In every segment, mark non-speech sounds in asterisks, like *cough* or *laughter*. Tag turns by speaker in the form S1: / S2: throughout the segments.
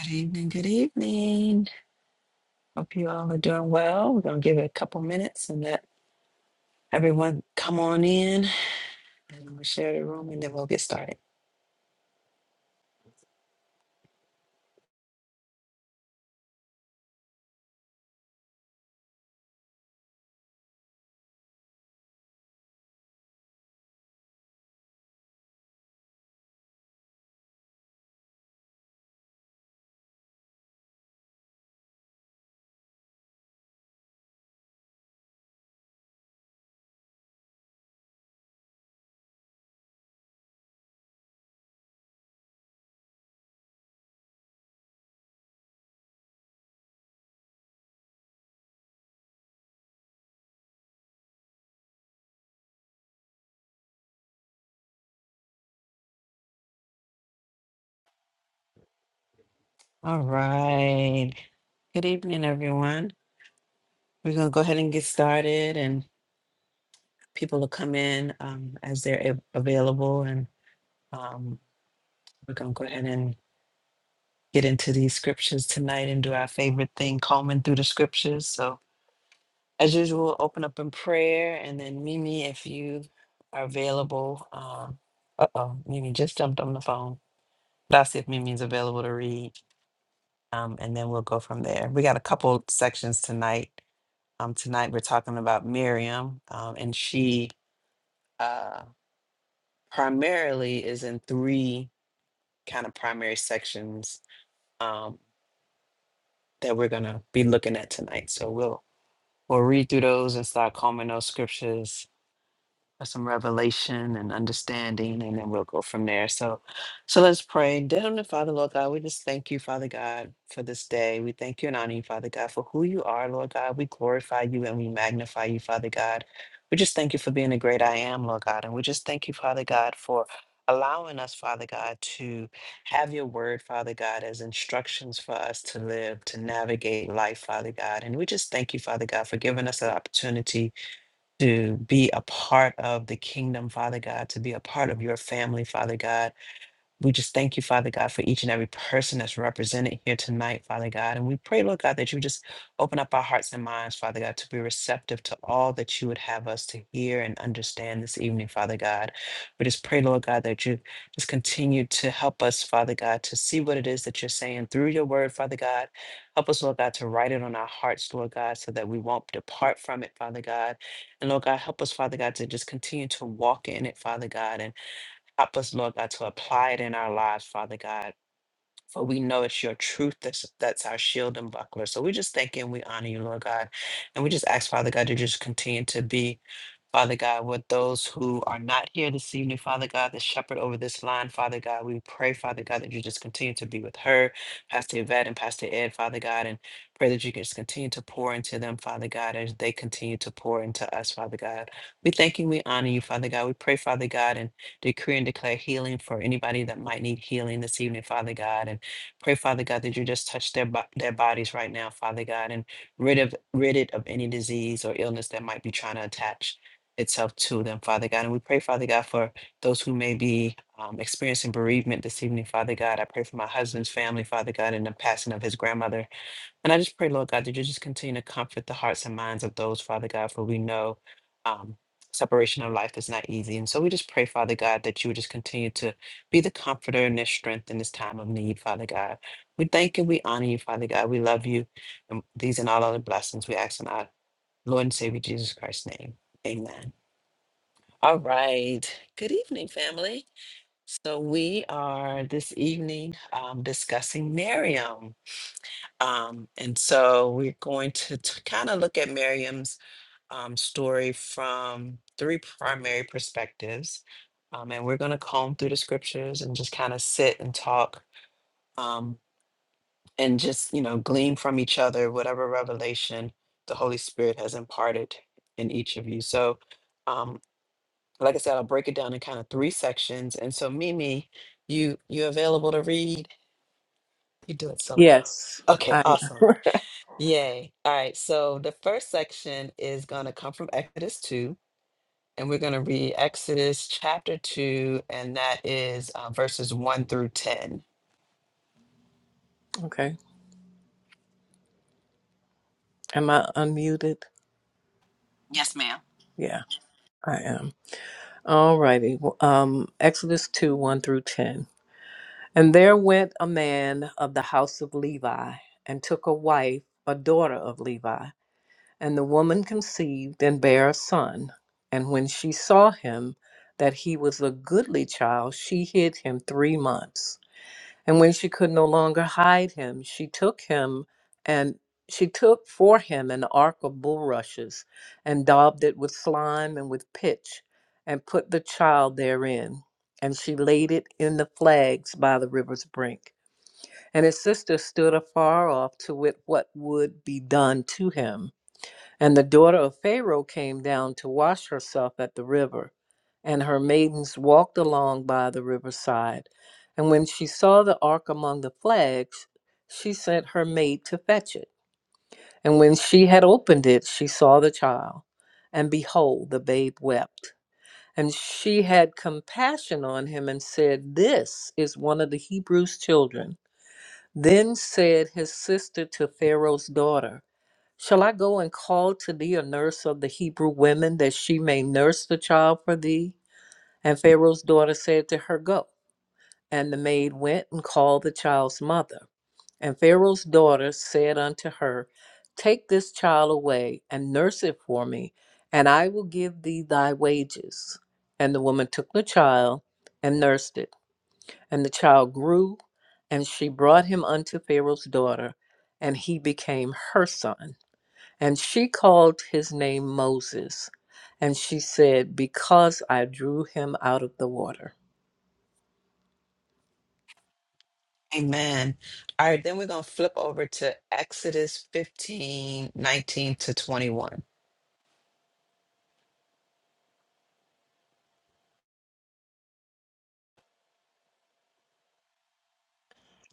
S1: Good evening, good evening. Hope you all are doing well. We're going to give it a couple minutes and let everyone come on in and we'll share the room and then we'll get started. All right. Good evening, everyone. We're going to go ahead and get started and people will come in um, as they're a- available. And um, we're going to go ahead and get into these scriptures tonight and do our favorite thing, combing through the scriptures. So As usual, open up in prayer, and then Mimi, if you are available. Um, uh oh, Mimi just jumped on the phone. But I'll see if Mimi is available to read, um, and then we'll go from there. We got a couple sections tonight. Um, tonight we're talking about Miriam, um, and she uh, primarily is in three kind of primary sections um, that we're gonna be looking at tonight. So we'll we'll read through those and start combing those scriptures some revelation and understanding, and then we'll go from there. So, so let's pray. Dear Heavenly Father, Lord God, we just thank you, Father God, for this day. We thank you and honor you, Father God, for who you are, Lord God. We glorify you and we magnify you, Father God. We just thank you for being the great I am, Lord God, and we just thank you, Father God, for allowing us, Father God, to have your word, Father God, as instructions for us to live, to navigate life, Father God. And we just thank you, Father God, for giving us an opportunity to be a part of the kingdom, Father God, to be a part of your family, Father God. We just thank you, Father God, for each and every person that's represented here tonight, Father God. And we pray, Lord God, that you just open up our hearts and minds, Father God, to be receptive to all that you would have us to hear and understand this evening, Father God. We just pray, Lord God, that you just continue to help us, Father God, to see what it is that you're saying through your word, Father God. Help us, Lord God, to write it on our hearts, Lord God, so that we won't depart from it, Father God. And Lord God, help us, Father God, to just continue to walk in it, Father God. and. Help us, Lord God, to apply it in our lives, Father God. For we know it's your truth that's that's our shield and buckler. So we just thank you and we honor you, Lord God. And we just ask, Father God, to just continue to be, Father God, with those who are not here this evening, Father God, the shepherd over this line, Father God. We pray, Father God, that you just continue to be with her, Pastor Yvette and Pastor Ed, Father God, and pray that you can just continue to pour into them, Father God, as they continue to pour into us, Father God. We thank you, we honor you, Father God. We pray, Father God, and decree and declare healing for anybody that might need healing this evening, Father God. And Pray, Father God, that you just touch their bo- their bodies right now, Father God, and rid of rid it of any disease or illness that might be trying to attach itself to them, Father God. And we pray, Father God, for those who may be um, experiencing bereavement this evening, Father God. I pray for my husband's family, Father God, and the passing of his grandmother and I just pray, Lord God, that you just continue to comfort the hearts and minds of those, Father God, for we know um, separation of life is not easy. And so we just pray, Father God, that you would just continue to be the comforter and their strength in this time of need, Father God. We thank and we honor you, Father God. We love you. And these and all other blessings we ask in our Lord and Savior Jesus Christ's name. Amen. All right. Good evening, family. So we are this evening um, discussing Miriam. Um, and so we're going to, kind of look at Miriam's um, story from three primary perspectives. Um, and we're going to comb through the scriptures and just kind of sit and talk um, and just, you know, glean from each other whatever revelation the Holy Spirit has imparted in each of you. So, um, like I said, I'll break it down in kind of three sections. And so, Mimi, you you available to read? You do it so well.
S2: Yes,
S1: Okay,
S2: I
S1: awesome. Yay. All right. So the first section is going to come from Exodus 2, and we're going to read Exodus chapter 2, and that is uh, verses 1 through 10.
S2: *laughs* okay. Am I unmuted?
S1: Yes, ma'am.
S2: Yeah, I am. All righty. Well, Um, Exodus two one through ten. And there went a man of the house of Levi, and took a wife, a daughter of Levi. And the woman conceived and bare a son. And when she saw him, that he was a goodly child, she hid him three months. And when she could no longer hide him, she took him and she took for him an ark of bulrushes and daubed it with slime and with pitch and put the child therein. And she laid it in the flags by the river's brink. And his sister stood afar off to wit what would be done to him. And the daughter of Pharaoh came down to wash herself at the river, and her maidens walked along by the riverside. And when she saw the ark among the flags, she sent her maid to fetch it. And when she had opened it, she saw the child, and behold, the babe wept. And she had compassion on him and said, This is one of the Hebrews' children. Then said his sister to Pharaoh's daughter, Shall I go and call to thee a nurse of the Hebrew women, that she may nurse the child for thee? And Pharaoh's daughter said to her, Go. And the maid went and called the child's mother. And Pharaoh's daughter said unto her, Take this child away and nurse it for me, and I will give thee thy wages. And the woman took the child and nursed it. And the child grew, and she brought him unto Pharaoh's daughter, and he became her son. And she called his name Moses. And she said, Because I drew him out of the water.
S1: Amen. All right. Then we're going to flip over to Exodus 15 19 to 21.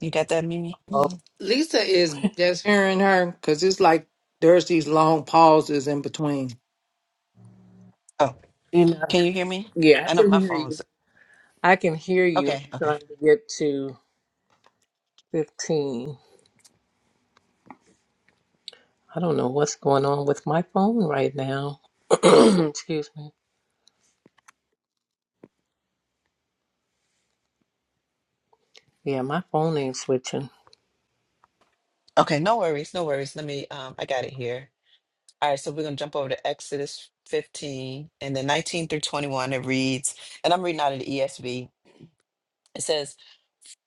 S1: You got that, Mimi?
S2: Oh,
S1: Mhm.
S3: Lisa is just hearing her because it's like there's these long pauses in between.
S1: Oh,
S2: Enough.
S1: can you hear me?
S2: yeah, I
S1: I know
S2: can
S1: my
S2: hear you.
S1: phone's
S2: I can hear you. I'm
S1: okay. Okay.
S2: trying to get to 15. I don't know what's going on with my phone right now. *clears throat* Excuse me. Yeah, my phone ain't switching.
S1: Okay. No worries. No worries. Let me, um, I got it here. All right, so we're going to jump over to Exodus 15 and then 19 through 21. It reads, and I'm reading out of the ESV. It says,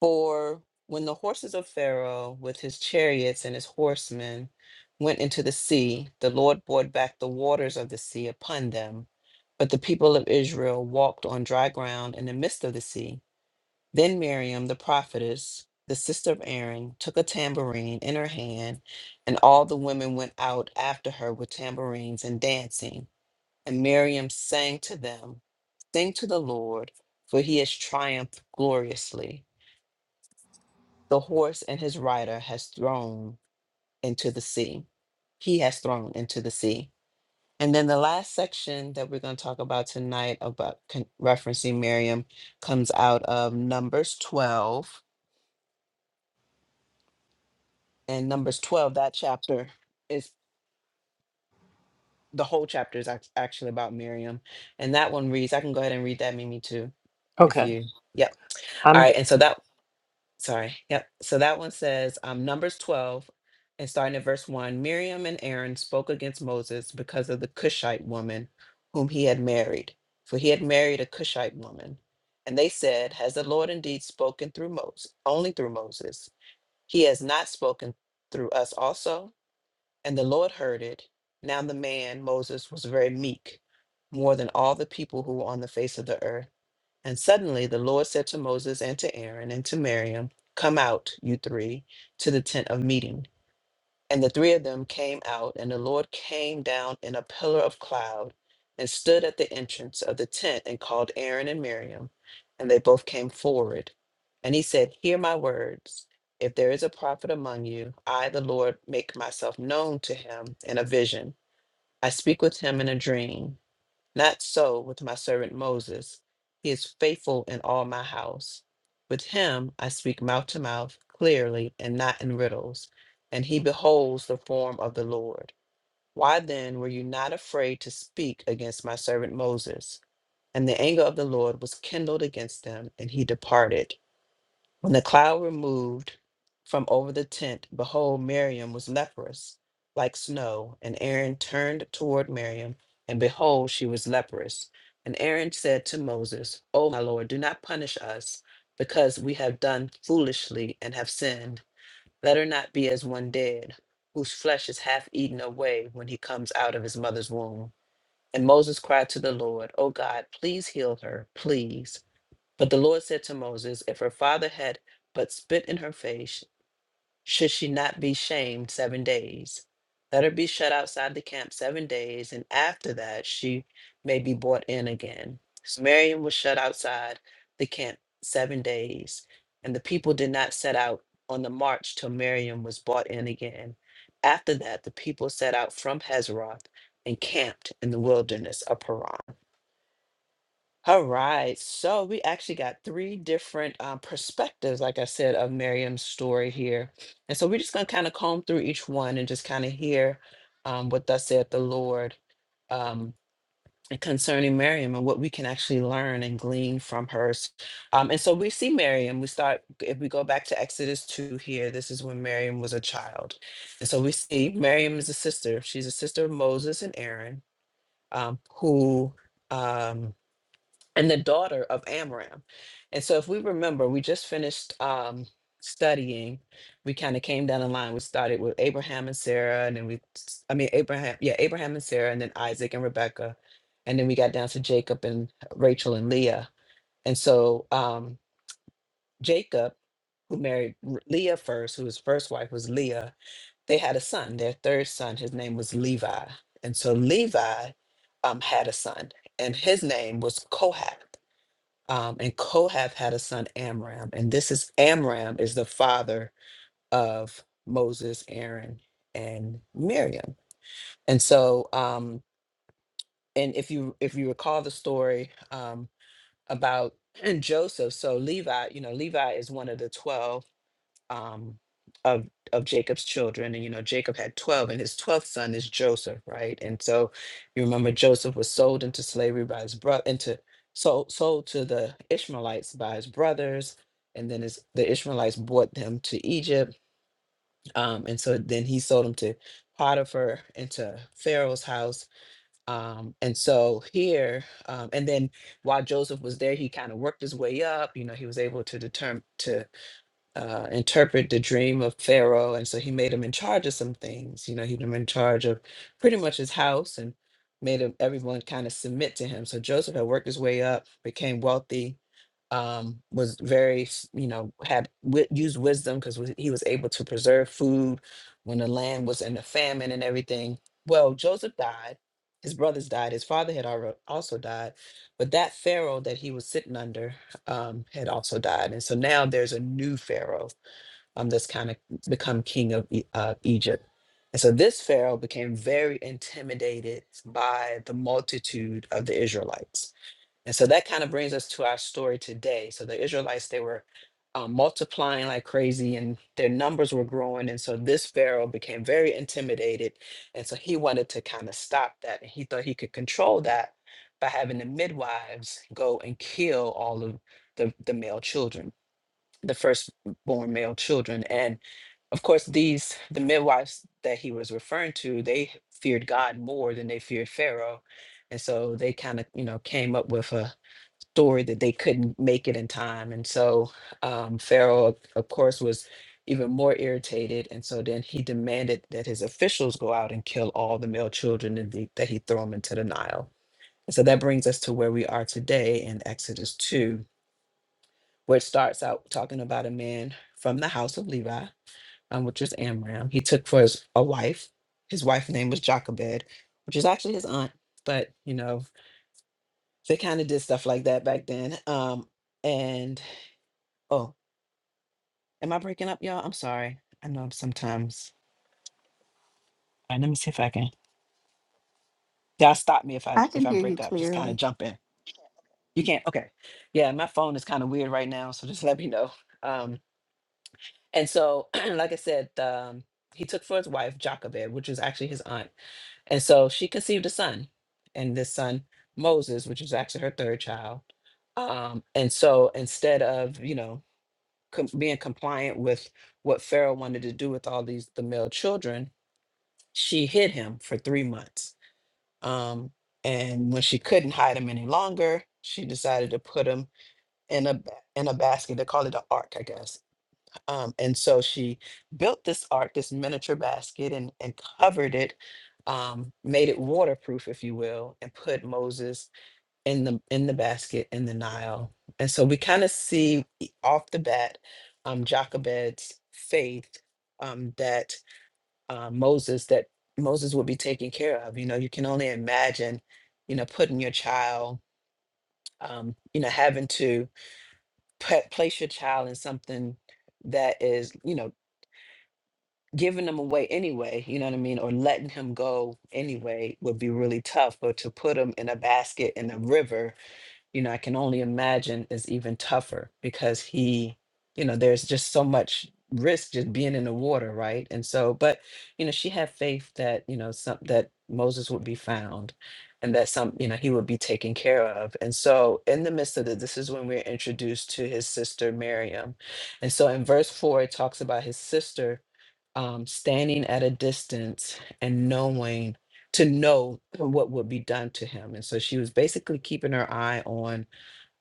S1: For when the horses of Pharaoh with his chariots and his horsemen went into the sea, the Lord brought back the waters of the sea upon them. But the people of Israel walked on dry ground in the midst of the sea. Then Miriam, the prophetess, the sister of Aaron, took a tambourine in her hand, and all the women went out after her with tambourines and dancing. And Miriam sang to them, Sing to the Lord, for he has triumphed gloriously. The horse and his rider has thrown into the sea. He has thrown into the sea. And then the last section that we're going to talk about tonight, about con- referencing Miriam, comes out of Numbers 12. And Numbers 12, that chapter is the whole chapter is act- actually about Miriam. And that one reads, I can go ahead and read that, Mimi, too, if
S2: Okay.
S1: you. Yep. All
S2: I'm
S1: right. And so that sorry. Yep. So that one says um, Numbers 12 and starting at verse 1 Miriam and Aaron spoke against Moses because of the Cushite woman whom he had married, for he had married a Cushite woman. And they said, Has the Lord indeed spoken through Moses, only through Moses? He has not spoken through us also. And the Lord heard it. Now the man, Moses, was very meek, more than all the people who were on the face of the earth. And suddenly the Lord said to Moses and to Aaron and to Miriam, Come out, you three, to the tent of meeting. And the three of them came out, and the Lord came down in a pillar of cloud and stood at the entrance of the tent and called Aaron and Miriam. And they both came forward. And he said, Hear my words. If there is a prophet among you, I, the Lord, make myself known to him in a vision. I speak with him in a dream. Not so with my servant Moses. He is faithful in all my house. With him I speak mouth to mouth, clearly, and not in riddles, and he beholds the form of the Lord. Why then were you not afraid to speak against my servant Moses? And the anger of the Lord was kindled against them, and he departed. When the cloud removed from over the tent, behold, Miriam was leprous, like snow. And Aaron turned toward Miriam, and behold, she was leprous. And Aaron said to Moses, O my Lord, do not punish us, because we have done foolishly and have sinned. Let her not be as one dead, whose flesh is half eaten away when he comes out of his mother's womb. And Moses cried to the Lord, O God, please heal her, please. But the Lord said to Moses, If her father had but spit in her face, should she not be shamed seven days? Let her be shut outside the camp seven days, and after that she may be brought in again. So Miriam was shut outside the camp seven days, and the people did not set out on the march till Miriam was brought in again. After that, the people set out from Hazeroth and camped in the wilderness of Paran. All right. So we actually got three different uh, perspectives, like I said, of Miriam's story here. And so we're just going to kind of comb through each one and just kind of hear um, what thus said the Lord um, concerning Miriam and what we can actually learn and glean from her. S- Um, and so we see Miriam. We start, if we go back to Exodus 2 here, this is when Miriam was a child. And so we see Miriam is a sister. She's a sister of Moses and Aaron, um, who. um, and the daughter of Amram. And so, if we remember, we just finished um, studying. We kind of came down the line. We started with Abraham and Sarah, and then we, s- I mean, Abraham, yeah, Abraham and Sarah, and then Isaac and Rebecca. And then we got down to Jacob and Rachel and Leah. And so, um, Jacob, who married R- Leah first, who his first wife was Leah, they had a son, their third son. His name was Levi. And so, Levi um, had a son, and his name was Kohath um, and Kohath had a son Amram, and this is Amram is the father of Moses, Aaron, and Miriam. And so, um, and if you if you recall the story um, about *clears throat* Joseph, so Levi, you know, Levi is one of the twelve um, of of Jacob's children, and you know Jacob had twelve, and his twelfth son is Joseph, right? And so you remember Joseph was sold into slavery by his brother, into sold sold to the Ishmaelites by his brothers, and then his, the Ishmaelites brought him to Egypt, um, and so then he sold him to Potiphar into Pharaoh's house. Um, and so here, um, and then while Joseph was there, he kind of worked his way up. You know, he was able to determine to uh, interpret the dream of Pharaoh. And so he made him in charge of some things. You know, he made him in charge of pretty much his house and made him, everyone kind of submit to him. So Joseph had worked his way up, became wealthy, um, was very, s- you know, had wi- used wisdom because he was able to preserve food when the land was in a famine and everything. Well, Joseph died. His brothers died. His father had alre- also died. But that Pharaoh that he was sitting under um, had also died. And so now there's a new Pharaoh um, that's kind of become king of E- uh, Egypt. And so this Pharaoh became very intimidated by the multitude of the Israelites. And so that kind of brings us to our story today. So the Israelites, they were um, multiplying like crazy and their numbers were growing. And so this Pharaoh became very intimidated. And so he wanted to kind of stop that. And he thought he could control that by having the midwives go and kill all of the, the male children, the firstborn male children. and. Of course, these, the midwives that he was referring to, they feared God more than they feared Pharaoh. And so they kind of, you know, came up with a story that they couldn't make it in time. And so um, Pharaoh, of course, was even more irritated. And so then he demanded that his officials go out and kill all the male children and the, that he throw them into the Nile. And so that brings us to where we are today in Exodus 2, where it starts out talking about a man from the house of Levi um, which is Amram. He took for his a wife. His wife's name was Jochebed, which is actually his aunt. But you know, they kind of did stuff like that back then. Um, and oh, am I breaking up, y'all? I'm sorry. I know I'm sometimes. All right, let me see if I can. Y'all stop me if I
S4: I
S1: if
S4: can
S1: I
S4: hear you
S1: break up. Just kind of
S4: clearly.
S1: jump in. You can't. Okay. Yeah, my phone is kind of weird right now, so just *laughs* let me know. Um, and so, *clears throat* like I said, um, he took for his wife Jochebed, which is actually his aunt And so she conceived a son, and this son, Moses, which is actually her third child. Um, and so instead of, you know, com- being compliant with what Pharaoh wanted to do with all these the male children, she hid him for three months. Um, and when she couldn't hide him any longer, she decided to put him in a ba- in a basket. They call it an ark, I guess um, and so she built this ark, this miniature basket, and, and covered it, um, made it waterproof, if you will, and put Moses in the in the basket in the Nile. And so we kind of see e- off the bat um, Jochebed's faith um, that uh, Moses that Moses would be taken care of. You know, you can only imagine, you know, putting your child, um, you know, having to put, place your child in something that is, you know. giving them away anyway, you know what I mean, or letting him go anyway would be really tough. But to put him in a basket in a river you know, I can only imagine is even tougher because he, you know, there's just so much risk just being in the water, right? And so, but you know, she had faith that you know some that Moses would be found, and that some you know he would be taken care of. And so, in the midst of this, this is when we're introduced to his sister Miriam, and so in verse four it talks about his sister um, standing at a distance and knowing to know what would be done to him. And so she was basically keeping her eye on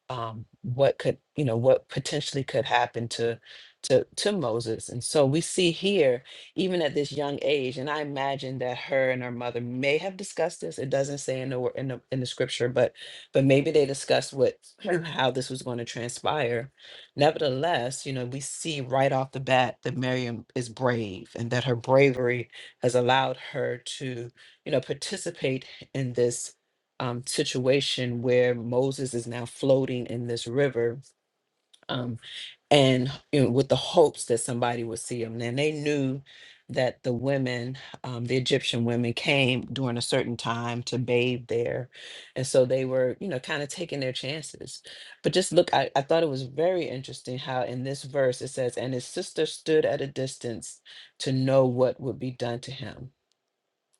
S1: um, what could you know what potentially could happen to to to Moses. And so we see here, even at this young age, and I imagine that her and her mother may have discussed this. It doesn't say in the wor- in the, in the scripture, but but maybe they discussed what *clears throat* how this was going to transpire. Nevertheless, you know, we see right off the bat that Miriam is brave and that her bravery has allowed her to, you know, participate in this um, situation where Moses is now floating in this river um, and you know, with the hopes that somebody would see him. And they knew that the women, um, the Egyptian women, came during a certain time to bathe there. And so they were, you know, kind of taking their chances. But just look, I, I thought it was very interesting how in this verse it says, And his sister stood at a distance to know what would be done to him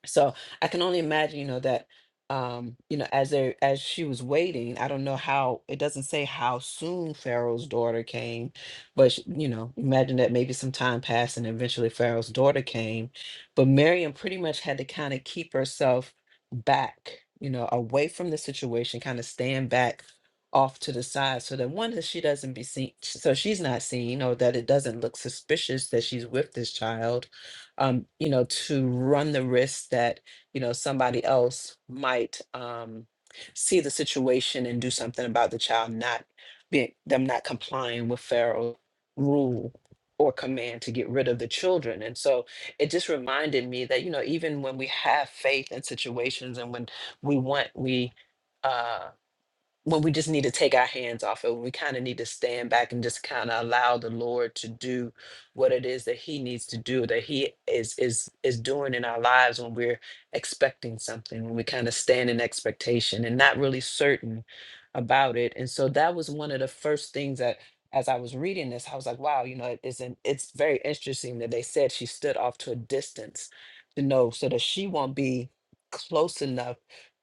S1: so i can only imagine you know that um you know as they as she was waiting i don't know how it doesn't say how soon pharaoh's daughter came but sh- you know imagine that maybe some time passed and eventually pharaoh's daughter came but miriam pretty much had to kind of keep herself back you know away from the situation kind of stand back off to the side so that one that she doesn't be seen so she's not seen or that it doesn't look suspicious that she's with this child um, you know, to run the risk that, you know, somebody else might um, see the situation and do something about the child not being, them not complying with Pharaoh's rule or command to get rid of the children. And so it just reminded me that, you know, even when we have faith in situations and when we want, we, uh, when we just need to take our hands off it, when we kind of need to stand back and just kind of allow the Lord to do what it is that He needs to do, that He is is is doing in our lives when we're expecting something, when we kind of stand in expectation and not really certain about it. And so that was one of the first things that as I was reading this, I was like, wow, you know, it isn't it's very interesting that they said she stood off to a distance to know so that she won't be close enough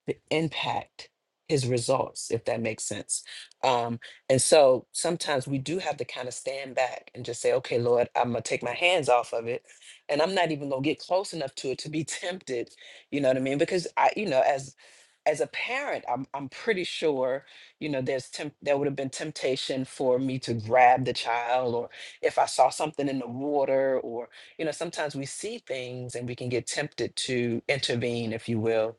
S1: to impact his results, if that makes sense. Um, and so sometimes we do have to kind of stand back and just say, okay, Lord, I'm going to take my hands off of it. And I'm not even going to get close enough to it to be *laughs* tempted. You know what I mean? Because I, you know, as, as a parent, I'm, I'm pretty sure, you know, there's temp- there would have been temptation for me to grab the child or if I saw something in the water or, you know, sometimes we see things and we can get tempted to intervene, if you will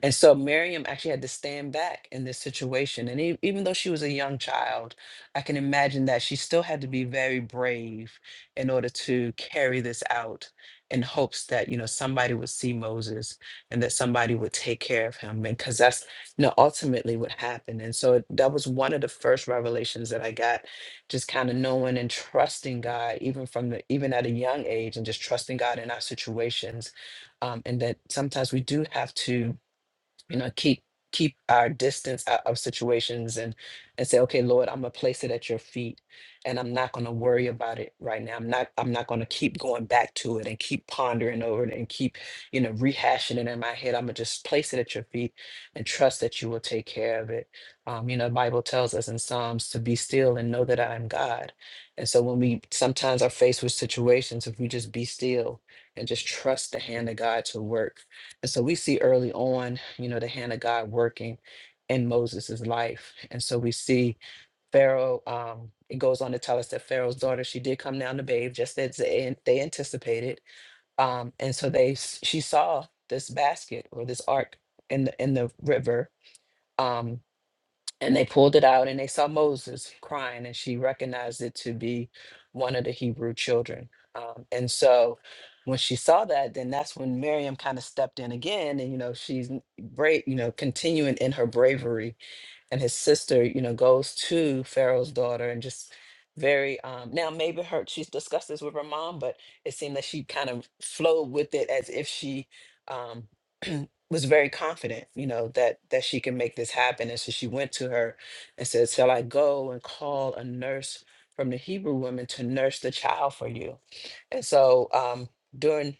S1: and so Miriam actually had to stand back in this situation. And e- even though she was a young child, I can imagine that she still had to be very brave in order to carry this out in hopes that, you know, somebody would see Moses and that somebody would take care of him. And because that's, you know, ultimately what happened. And so it- that was one of the first revelations that I got, just kind of knowing and trusting God, even from the, even at a young age and just trusting God in our situations. Um, and that sometimes we do have to you know keep keep our distance out of situations and and say okay lord i'm gonna place it at your feet and i'm not gonna worry about it right now i'm not i'm not gonna keep going back to it and keep pondering over it and keep you know rehashing it in my head i'm gonna just place it at your feet and trust that you will take care of it um, you know the bible tells us in psalms to be still and know that i am god and so when we sometimes are faced with situations if we just be still and just trust the hand of god to work and so we see early on, you know, the hand of God working in Moses' life. And so we see Pharaoh, um, it goes on to tell us that Pharaoh's daughter, she did come down to bathe just as they they anticipated. Um, and so they s- she saw this basket or this ark in the in the river. Um, and they pulled it out and they saw Moses crying, and she recognized it to be one of the Hebrew children. Um, and so when she saw that, then that's when Miriam kind of stepped in again. And, you know, she's brave, you know, continuing in her bravery and his sister, you know, goes to Pharaoh's daughter and just very um now maybe her she's discussed this with her mom, but it seemed that she kind of flowed with it as if she um *clears throat* was very confident, you know, that that she can make this happen. And so she went to her and said, Shall I go and call a nurse from the Hebrew women to nurse the child for you? And so um during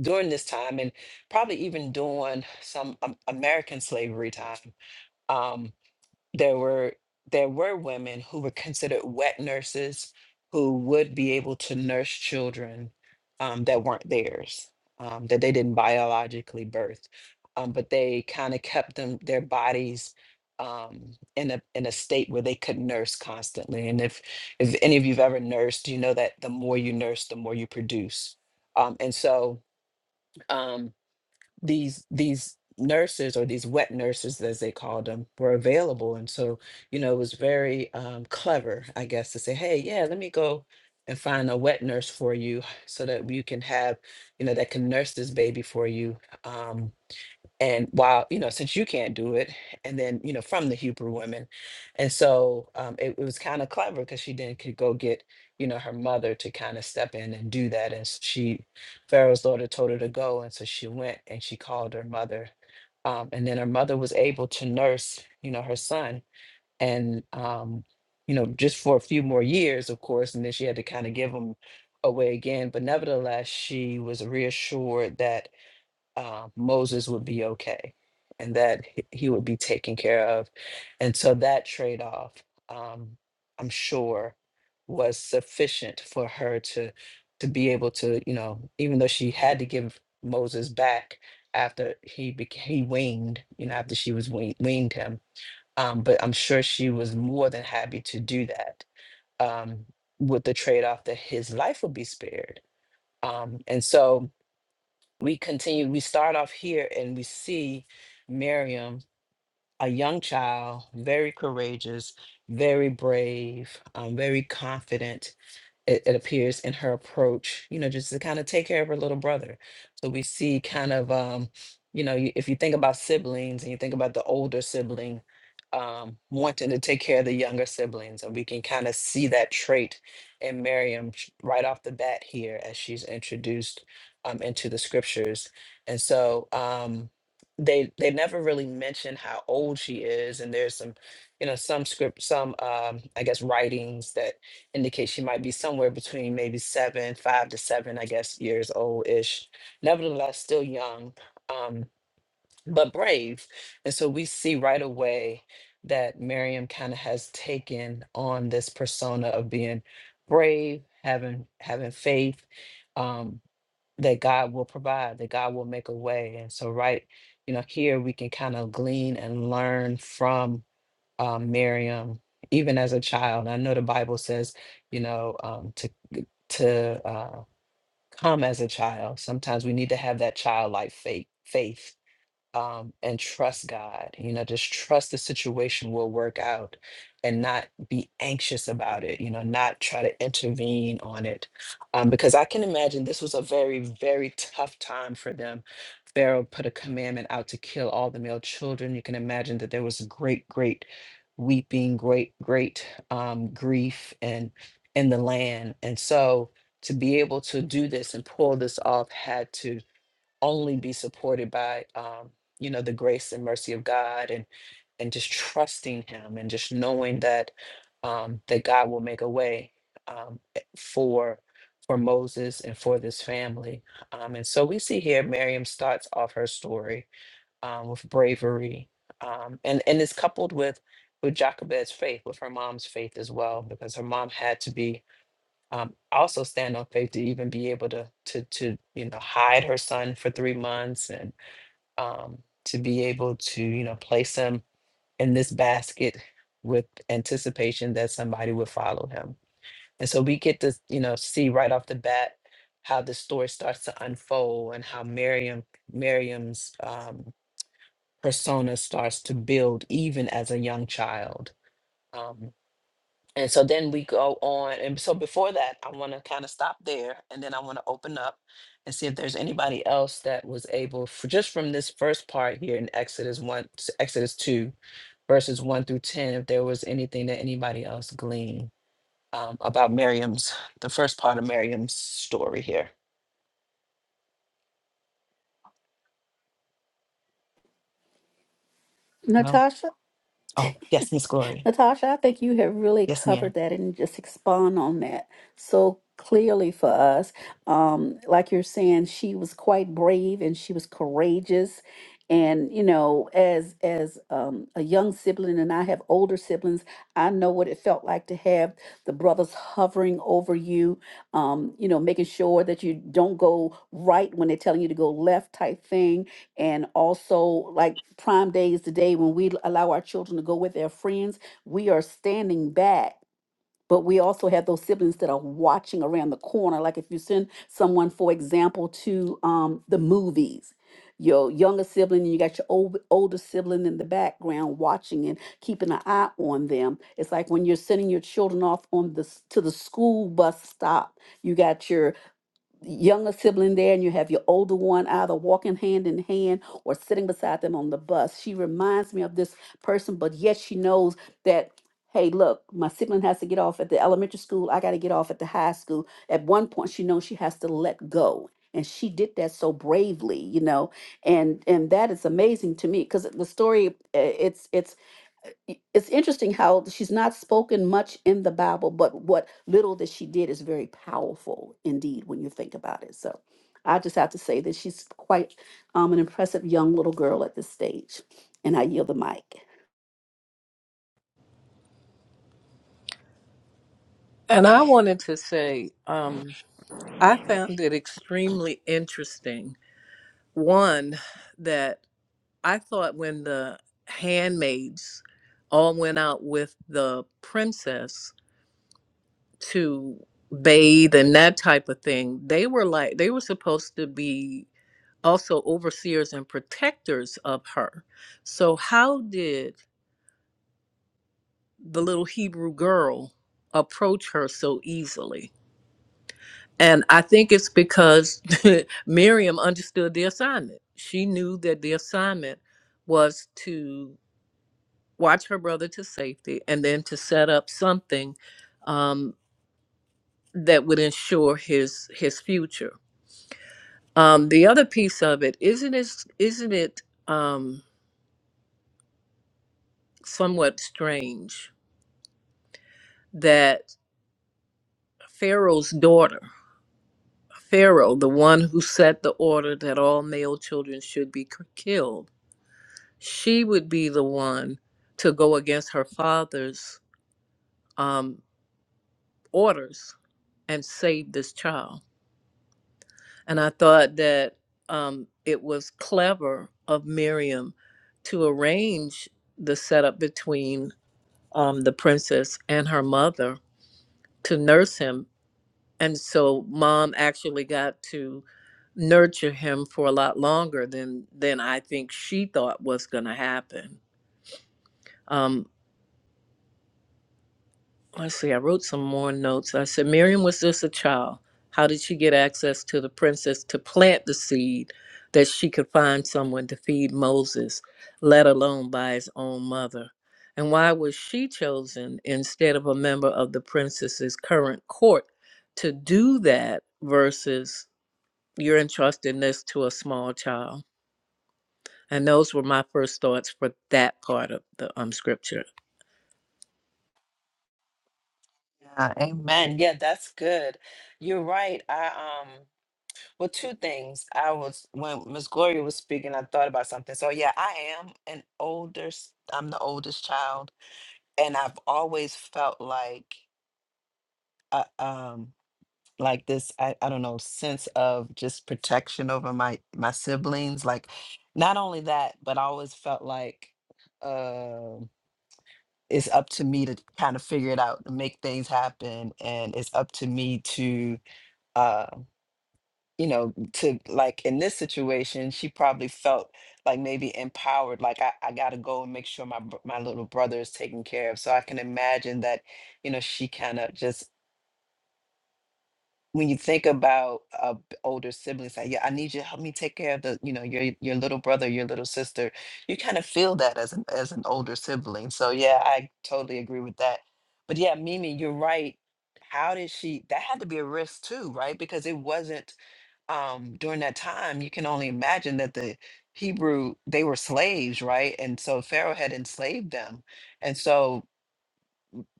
S1: during this time and probably even during some um, American slavery time, um, there were there were women who were considered wet nurses who would be able to nurse children um, that weren't theirs um, that they didn't biologically birth um, but they kind of kept them their bodies um, in a in a state where they could nurse constantly and if if any of you've ever nursed you know that the more you nurse the more you produce um, and so um, these these nurses or these wet nurses as they called them were available and so you know it was very um, clever i guess to say hey yeah let me go and find a wet nurse for you so that you can have you know that can nurse this baby for you um, and while you know since you can't do it and then you know from the hebrew women and so um, it, it was kind of clever because she then could go get you know her mother to kind of step in and do that and s- she pharaoh's daughter told her to go and so she went and she called her mother um, and then her mother was able to nurse you know her son and um, you know just for a few more years of course and then she had to kind of give him away again but nevertheless she was reassured that uh, Moses would be okay and that h- he would be taken care of. And so that trade off, um, I'm sure, was sufficient for her to to be able to, you know, even though she had to give Moses back after he became he weaned, you know, after she was wean- weaned him. Um, but I'm sure she was more than happy to do that um, with the trade off that his life would be spared. Um, and so we continue we start off here and we see miriam a young child very courageous very brave um, very confident it, it appears in her approach, you know, just to kind of take care of her little brother. So we see kind of, um, you know, you- if you think about siblings and you think about the older sibling um, wanting to take care of the younger siblings, and we can kind of see that trait in Miriam sh- right off the bat here as she's introduced um, into the scriptures. And so um, they they never really mention how old she is, and there's some, you know, some script, some um, I guess writings that indicate she might be somewhere between maybe seven, five to seven, I guess, years old ish. Nevertheless, still young, um, but brave. And so we see right away that Miriam kind of has taken on this persona of being brave, having having faith um, that God will provide, that God will make a way. And so, right, you know, here we can kind of glean and learn from um, Miriam, even as a child. I know the Bible says, you know, um, to to uh, come as a child. Sometimes we need to have that childlike faith. Faith um, and trust God. You know, just trust the situation will work out and not be anxious about it, you know, not try to intervene on it. Um, because I can imagine this was a very, very tough time for them. Pharaoh put a commandment out to kill all the male children. You can imagine that there was great, great weeping, great, great um, grief and in the land. And so to be able to do this and pull this off had to only be supported by um, you know the grace and mercy of God and and just trusting him and just knowing that um, that God will make a way um, eh, for for Moses and for this family. Um, and so we see here Miriam starts off her story um, with bravery um, and and is coupled with with Jochebed's faith, with her mom's faith as well, because her mom had to be um, also stand on faith to even be able to to to you know hide her son for three months and um, to be able to you know place him in this basket with anticipation that somebody would follow him. And so we get to you know see right off the bat how the story starts to unfold and how Miriam Miriam's um, persona starts to build even as a young child. Um, and so then we go on. And so before that, I want to kind of stop there and then I want to open up and see if there's anybody else that was able for just from this first part here in Exodus 1, to Exodus 2, verses 1 through 10, if there was anything that anybody else gleaned um, about Miriam's, the first part of Miriam's story here. No?
S4: Natasha?
S1: Oh, yes, Miss Gloria.
S4: Natasha, I think you have really
S1: Yes,
S4: covered
S1: ma'am.
S4: that and just expand on that so clearly for us. Um, like you're saying, she was quite brave and she was courageous. And you know, as as um, a young sibling, and I have older siblings, I know what it felt like to have the brothers hovering over you, um, you know, making sure that you don't go right when they're telling you to go left, type thing and also like prime day is the day when we allow our children to go with their friends we are standing back but we also have those siblings that are watching around the corner like if you send someone for example to um, the movies your younger sibling and you got your old, older sibling in the background watching and keeping an eye on them it's like when you're sending your children off on the s- to the school bus stop you got your younger sibling there and you have your older one either walking hand in hand or sitting beside them on the bus. She reminds me of this person, but yet she knows that, hey, look, my sibling has to get off at the elementary school. I got to get off at the high school. At one point, she knows she has to let go. And she did that so bravely, you know, and and that is amazing to me because the story uh, it's it's it's interesting how she's not spoken much in the Bible, but what little that she did is very powerful indeed when you think about it. So I just have to say that she's quite um, an impressive young little girl at this stage. And I yield the mic.
S2: and I wanted to say, um, I found it extremely interesting. One, that. I thought when the handmaids all went out with the princess to bathe and that type of thing, they were like they were supposed to be also overseers and protectors of her. So how did the little Hebrew girl approach her so easily? And I think it's because *laughs* Miriam understood the assignment. She knew that the assignment was to watch her brother to safety and then to set up something um, that would ensure his his future. Um, the other piece of it isn't it isn't it um, somewhat strange that Pharaoh's daughter, Pharaoh, the one who set the order that all male children should be k- killed, she would be the one to go against her father's um, orders and save this child And I thought that um, it was clever of Miriam to arrange the setup between um, the princess and her mother to nurse him. And so mom actually got to nurture him for a lot longer than than I think she thought was going to happen. Um, I see. I wrote some more notes. I said, Miriam was just a child. How did she get access to the princess to plant the seed that she could find someone to feed Moses, let alone by his own mother? And why was she chosen instead of a member of the princess's current court to do that versus you're entrusting this to a small child? And those were my first thoughts for that part of the um, scripture.
S1: Yeah, amen. Yeah, that's good. You're right. I um Well, two things. I was when Miss Gloria was speaking, I thought about something. So yeah, I am an older. s- I'm the oldest child, and I've always felt like, uh, um, like this. I, I don't know, sense of just protection over my my siblings. Like, not only that, but I always felt like, um, it's up to me to kind of figure it out, and make things happen, and it's up to me to. uh, you know, to like in this situation, she probably felt like maybe empowered, like I, I got to go and make sure my br- my little brother is taken care of. So I can imagine that, you know, she kind of just when you think about uh, b- older siblings, like yeah, I need you to help me take care of the, you know, your your little brother, your little sister. You kind of feel that as an as an older sibling. So yeah, I totally agree with that. But yeah, Mimi, you're right. How did she? That had to be a risk too, right? Because it wasn't um, during that time, you can only imagine that the Hebrew, they were slaves, right? And so Pharaoh had enslaved them. And so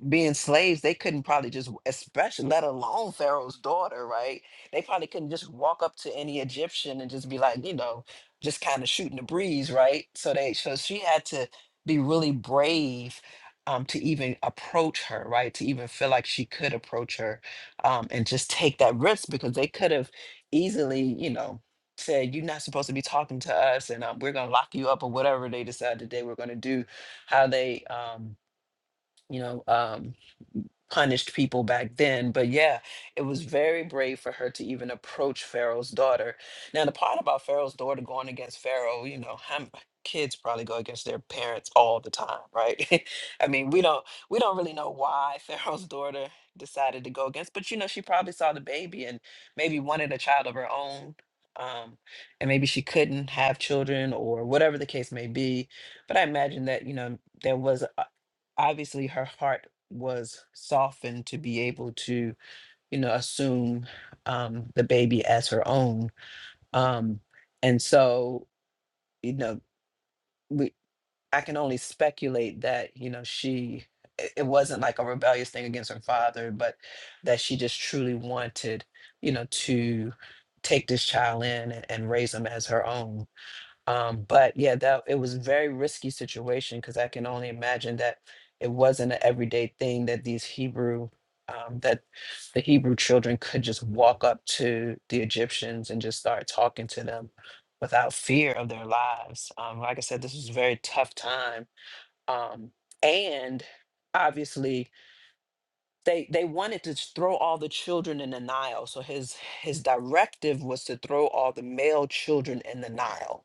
S1: being slaves, they couldn't probably just, especially let alone Pharaoh's daughter, right? They probably couldn't just walk up to any Egyptian and just be like, you know, just kind of shooting the breeze, right? So they, so she had to be really brave um, to even approach her, right? To even feel like she could approach her um, and just take that risk because they could have easily, you know, said, you're not supposed to be talking to us and um, we're going to lock you up or whatever they decided they were going to do, how they, um, you know, um, punished people back then. But yeah, it was very brave for her to even approach Pharaoh's daughter. Now, the part about Pharaoh's daughter going against Pharaoh, you know, how m- kids probably go against their parents all the time, right? *laughs* I mean, we don't we don't really know why *laughs* Pharaoh's daughter decided to go against, but you know, she probably saw the baby and maybe wanted a child of her own. Um, and maybe she couldn't have children or whatever the case may be. But I imagine that, you know, there was uh, obviously her heart was softened to be able to, you know, assume um, the baby as her own. Um, and so, you know, we I can only speculate that, you know, she it it wasn't like a rebellious thing against her father, but that she just truly wanted, you know, to take this child in and, and raise him as her own um, but yeah, that it was a very risky situation because I can only imagine that it wasn't an everyday thing that these Hebrew um, that the Hebrew children could just walk up to the Egyptians and just start talking to them without fear of their lives. Um, like I said, this was a very tough time, um, and obviously they they wanted to just throw all the children in the Nile. So his his directive was to throw all the male children in the Nile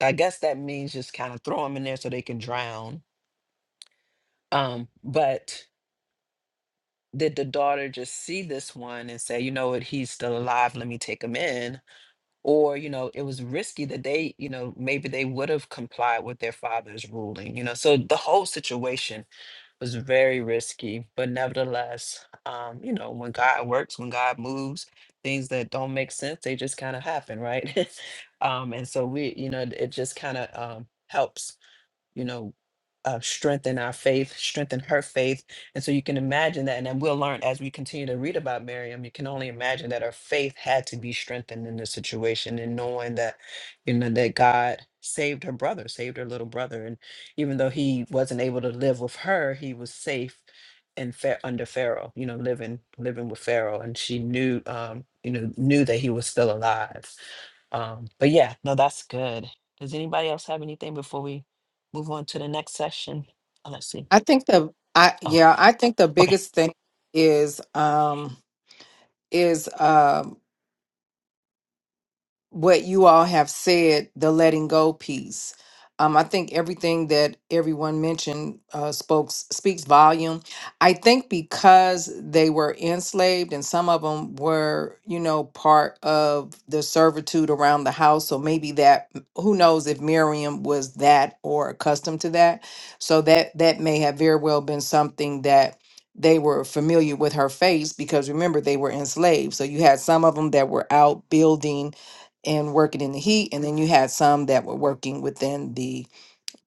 S1: I guess that means just kind of throw them in there so they can drown. Um, but did the daughter just see this one and say, you know what, he's still alive, let me take him in? Or, you know, it was risky that they, you know, maybe they would have complied with their father's ruling, you know. So the whole situation was very risky. But nevertheless, um, you know, when God works, when God moves, things that don't make sense, they just kind of happen, right? *laughs* um, and so we, you know, it just kind of um, helps you know, uh, strengthen our faith, strengthen her faith. And so you can imagine that. And then we'll learn as we continue to read about Miriam, you can only imagine that her faith had to be strengthened in this situation and knowing that, you know, that God saved her brother, saved her little brother. And even though he wasn't able to live with her, he was safe and fair under Pharaoh, you know, living, living with Pharaoh. And she knew, um, you know, knew that he was still alive. Um, but yeah, no, that's good. Does anybody else have anything before we move on to the next session? Oh, let's see.
S3: I think the I
S1: Oh,
S3: yeah I think the
S1: okay.
S3: biggest thing is um is um what you all have said, the letting go piece. Um, I think everything that everyone mentioned uh, spoke speaks volume. I think because they were enslaved, and some of them were, you know, part of the servitude around the house. So maybe that, who knows if Miriam was that or accustomed to that. So that that may have very well been something that they were familiar with her face because remember they were enslaved. So you had some of them that were out building and working in the heat. And then you had some that were working within the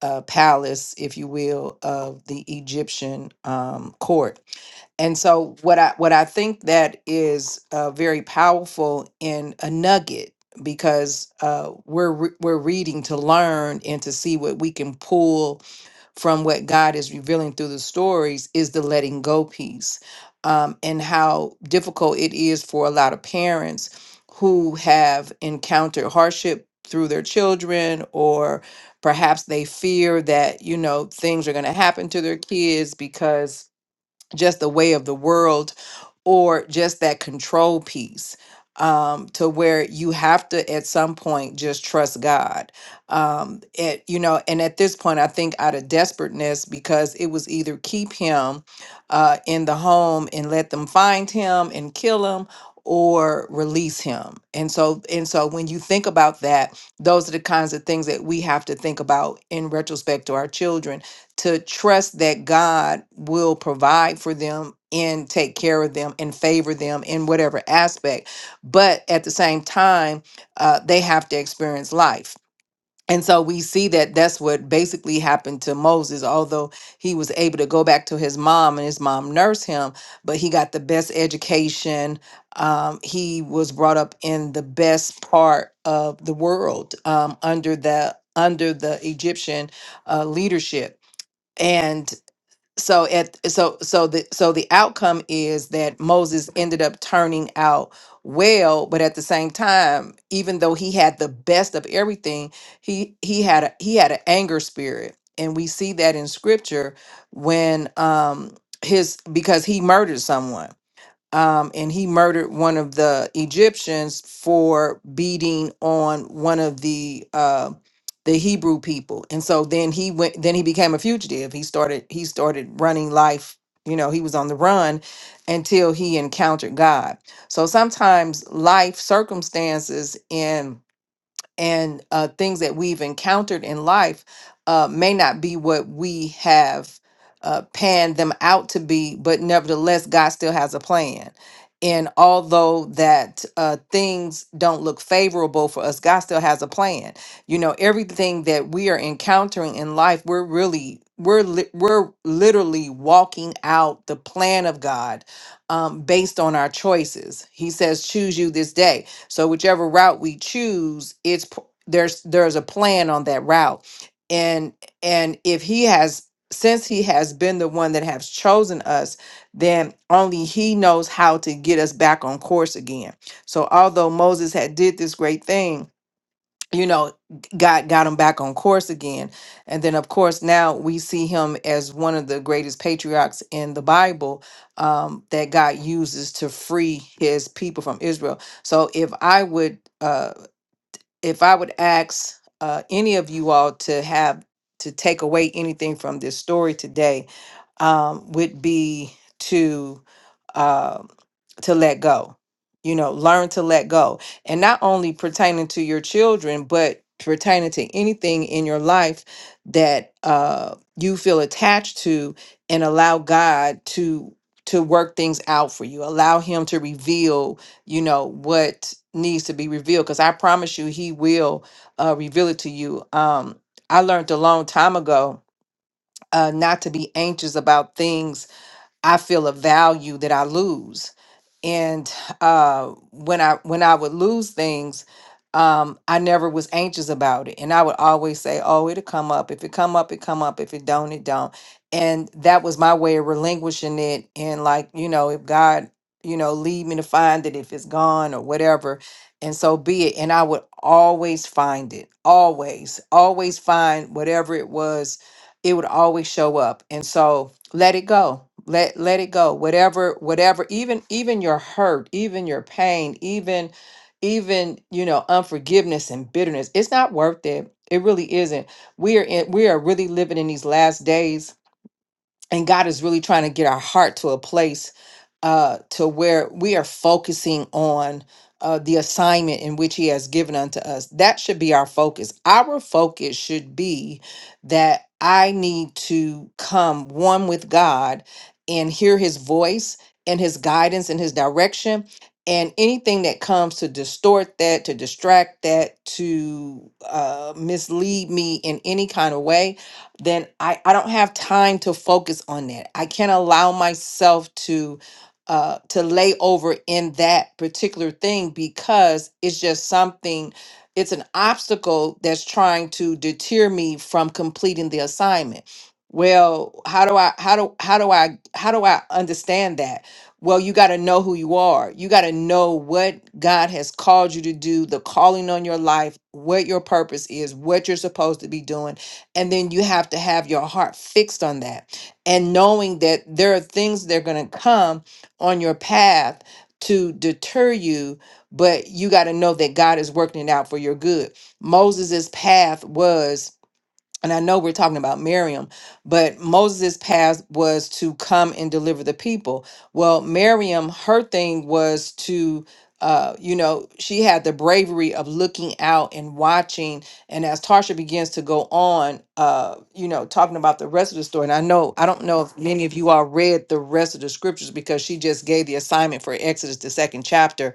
S3: uh, palace, if you will, of the Egyptian um, court. And so, what I what I think that is uh, very powerful in a nugget because uh, we're re- we're reading to learn and to see what we can pull from what God is revealing through the stories is the letting go piece um, and how difficult it is for a lot of parents who have encountered hardship through their children or perhaps they fear that you know things are going to happen to their kids because just the way of the world or just that control piece um to where you have to at some point just trust god um it you know and at this point i think out of desperateness because it was either keep him uh in the home and let them find him and kill him or release him and so and so when you think about that those are the kinds of things that we have to think about in retrospect to our children to trust that God will provide for them and take care of them and favor them in whatever aspect. But at the same time, uh, they have to experience life. And so we see that that's what basically happened to Moses, although he was able to go back to his mom and his mom nursed him, but he got the best education. Um, he was brought up in the best part of the world um, under the under the Egyptian uh, leadership and so at so so the so the outcome is that Moses ended up turning out well but at the same time even though he had the best of everything he he had a, he had an anger spirit and we see that in scripture when um his because he murdered someone um, and he murdered one of the Egyptians for beating on one of the uh, the Hebrew people. And so then he went. Then he became a fugitive. He started. He started running life. You know, he was on the run until he encountered God. So sometimes life circumstances and and uh, things that we've encountered in life uh, may not be what we have uh, panned them out to be, but nevertheless, God still has a plan. And although that uh, things don't look favorable for us, God still has a plan. You know, everything that we are encountering in life, we're really we're li- we're literally walking out the plan of God um, based on our choices. He says, "Choose you this day." So whichever route we choose, it's p- there's there's a plan on that route. And and if he has since he has been the one that has chosen us, then only he knows how to get us back on course again. So although Moses had did this great thing, you know got got him back on course again and then of course now we see him as one of the greatest patriarchs in the bible um, that god uses to free his people from israel so if i would uh if I would ask uh, any of you all to have to take away anything from this story today, um, would be to uh, to let go. You know, learn to let go, and not only pertaining to your children, but pertaining to anything in your life that uh, you feel attached to, and allow God to to work things out for you. Allow Him to reveal you know what needs to be revealed because i promise you he will uh, reveal it to you um i learned a long time ago uh, not to be anxious about things I feel a value that I lose. And uh, when I when I would lose things, um, I never was anxious about it, and I would always say, "Oh, it'll come up. If it come up, it come up. If it don't, it don't." And that was my way of relinquishing it. And like you know, if God, you know, lead me to find it, if it's gone or whatever, and so be it. And I would always find it, always, always find whatever it was. It would always show up, and so let it go let let it go whatever whatever even even your hurt even your pain even even you know unforgiveness and bitterness it's not worth it it really isn't we are in we are really living in these last days and God is really trying to get our heart to a place uh, to where we are focusing on uh, the assignment in which He has given unto us. That should be our focus. Our focus should be that I need to come one with God and hear His voice and His guidance and His direction. And anything that comes to distort that, to distract that, to uh, mislead me in any kind of way, then I, I don't have time to focus on that. I can't allow myself to uh to lay over in that particular thing because it's just something it's an obstacle that's trying to deter me from completing the assignment. Well, how do I how do how do I how do I understand that? Well, you got to know who you are. You got to know what God has called you to do, the calling on your life, what your purpose is, what you're supposed to be doing and then you have to have your heart fixed on that and knowing that there are things that are going to come on your path to deter you, but you got to know that God is working it out for your good. Moses's path was and I know we're talking about Miriam, but Moses' path was to come and deliver the people. Well, Miriam, her thing was to, uh, you know, she had the bravery of looking out and watching. And as Tarsha begins to go on, uh, you know, talking about the rest of the story, and I know, I don't know if many of you all read the rest of the scriptures because she just gave the assignment for Exodus, the second chapter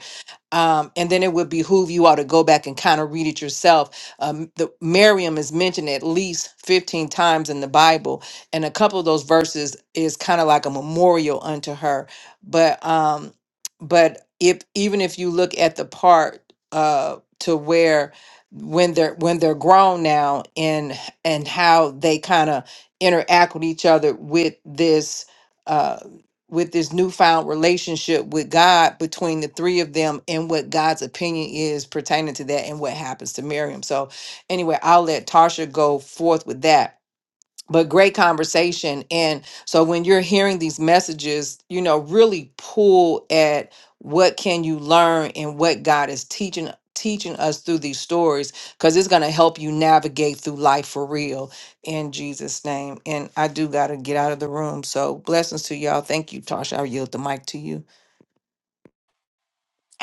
S3: um, and then it would behoove you all to go back and kind of read it yourself. Um, the Miriam is mentioned at least 15 times in the Bible, and a couple of those verses is kind of like a memorial unto her. But um, but if even if you look at the part uh to where when they're when they're grown now and and how they kind of interact with each other with this uh, with this newfound relationship with God between the three of them and what God's opinion is pertaining to that and what happens to Miriam. So, anyway, I'll let Tarsha go forth with that but great conversation and so when you're hearing these messages you know really pull at what can you learn and what god is teaching teaching us through these stories because it's going to help you navigate through life for real in jesus name and i do got to get out of the room so blessings to y'all thank you tasha i yield the mic to you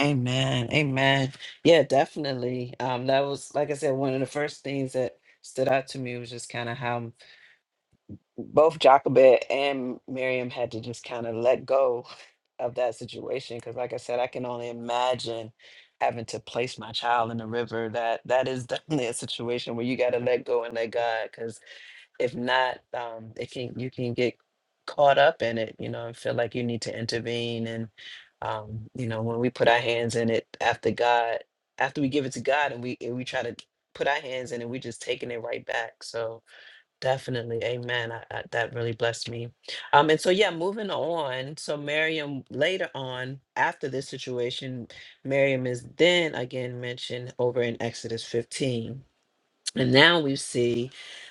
S1: Amen. Amen. Yeah, definitely. Um, that was like I said, one of the first things that stood out to me was just kind of how both Jochebed and Miriam had to just kind of let go of that situation. Cause like I said, I can only imagine having to place my child in the river. That that is *laughs* definitely a situation where you gotta let go and let God. if not, um, it can you can get caught up in it, you know, and feel like you need to intervene. And um, you know, when we put our hands in it after God, after we give it to God, and we and we try to put our hands in it, we just taking it right back. So definitely, Amen. I, I, that really blessed me. Um, and so yeah, moving on. So Miriam later on after this situation, Miriam is then again mentioned over in Exodus 15 and now we see,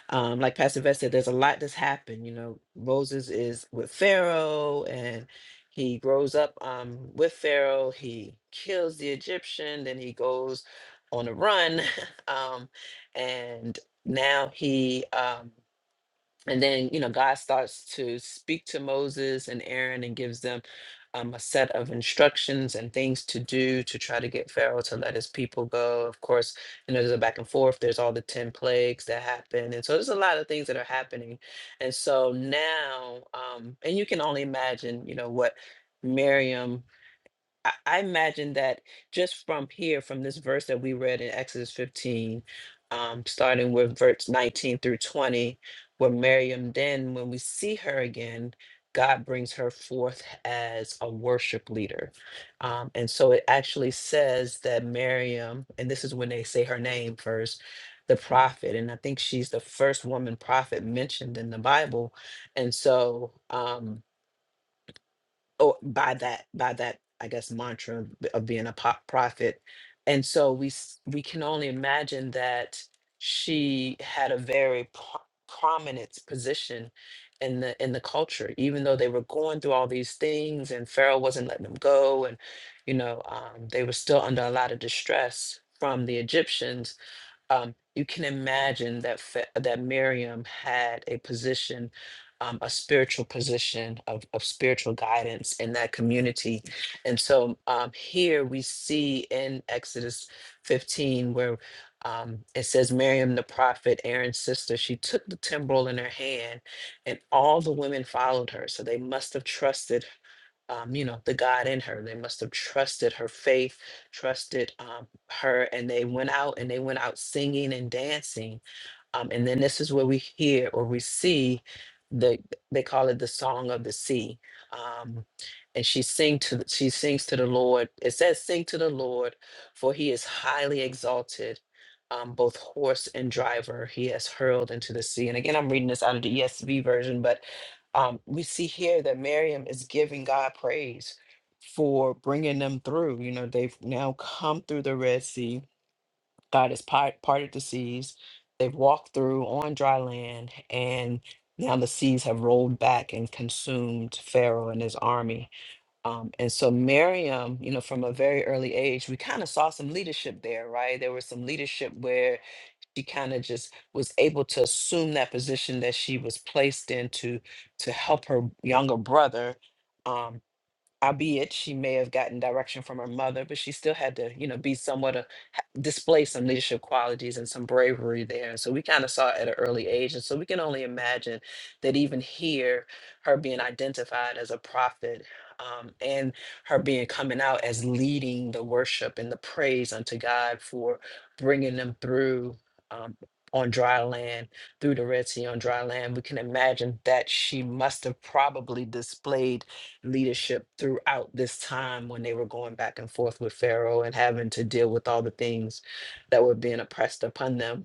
S1: um, like Pastor Vest said, there's a lot that's happened. You know, Moses is with Pharaoh and he grows up um, with Pharaoh. He kills the Egyptian, then he goes on a run. *laughs* um, and now he. Um, and then you know god starts to speak to moses and aaron and gives them um, a set of instructions and things to do to try to get pharaoh to let his people go of course you know there's a back and forth there's all the 10 plagues that happen and so there's a lot of things that are happening and so now um, and you can only imagine you know what miriam I I imagine that just from here, from this verse that we read in Exodus 15, um, starting with verse 19 through 20, where Miriam, then when we see her again, God brings her forth as a worship leader. Um, and so it actually says that Miriam, and this is when they say her name first, the prophet, and I think she's the first woman prophet mentioned in the Bible. And so, um, oh, by that by that I guess mantra of of being a po- prophet, and so we s- we can only imagine that she had a very pro- prominent position in the in the culture, even though they were going through all these things, and Pharaoh wasn't letting them go, and you know um, they were still under a lot of distress from the Egyptians um, you can imagine that Fa- that Miriam had a position, um, a spiritual position of, of spiritual guidance in that community. And so um, here we see in Exodus 15 where um, it says Miriam the prophet, Aaron's sister, she took the timbrel in her hand, and all the women followed her. So they must have trusted um, you know, the God in her. They must have trusted her faith, trusted um, her, and they went out and they went out singing and dancing um, and then this is where we hear or we see the they call it the song of the sea. Um, and she sing to the- she sings to the Lord. It says, "Sing to the Lord, for He is highly exalted." Um, both horse and driver he has hurled into the sea. And again, I'm reading this out of the ESV version, but um, we see here that Miriam is giving God praise for bringing them through. You know, they've now come through the Red Sea God has pi- parted the seas. They've walked through on dry land, and now the seas have rolled back and consumed Pharaoh and his army. Um, and so, Miriam, you know, from a very early age, we kind of saw some leadership there, right? There was some leadership where she kind of just was able to assume that position that she was placed into to help her younger brother. um, albeit she may have gotten direction from her mother, but she still had to, you know, be somewhat a, ha- display some leadership qualities and some bravery there. so we kind of saw it at an early age, and so we can only imagine that even here, her being identified as a prophet. Um, and her being coming out as leading the worship and the praise unto God for bringing them through um, on dry land, through the Red Sea on dry land. We can imagine that she must have probably displayed leadership throughout this time when they were going back and forth with Pharaoh and having to deal with all the things that were being oppressed upon them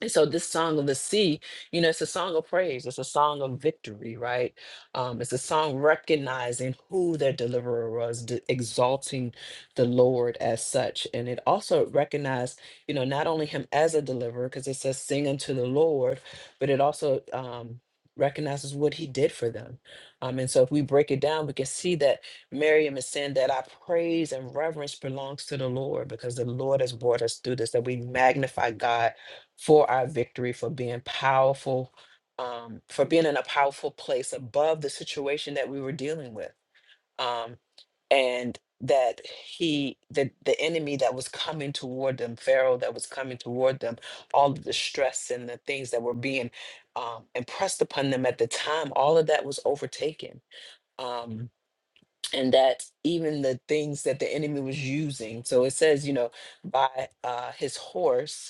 S1: and so this song of the sea, you know, it's a song of praise. It's a song of victory, right? Um, it's a song recognizing who their deliverer was, d- exalting the Lord as such. And it also recognized, you know, not only him as a deliverer, because it says sing unto the Lord, but it also um, recognizes what he did for them. Um, and so if we break it down, we can see that Miriam is saying that our praise and reverence belongs to the Lord because the Lord has brought us through this, that we magnify God for our victory, for being powerful, um, for being in a powerful place above the situation that we were dealing with. Um, and that he, that the enemy that was coming toward them, Pharaoh that was coming toward them, all of the stress and the things that were being um, impressed upon them at the time, all of that was overtaken. Um, and that even the things that the enemy was using, so it says, you know, by uh, his horse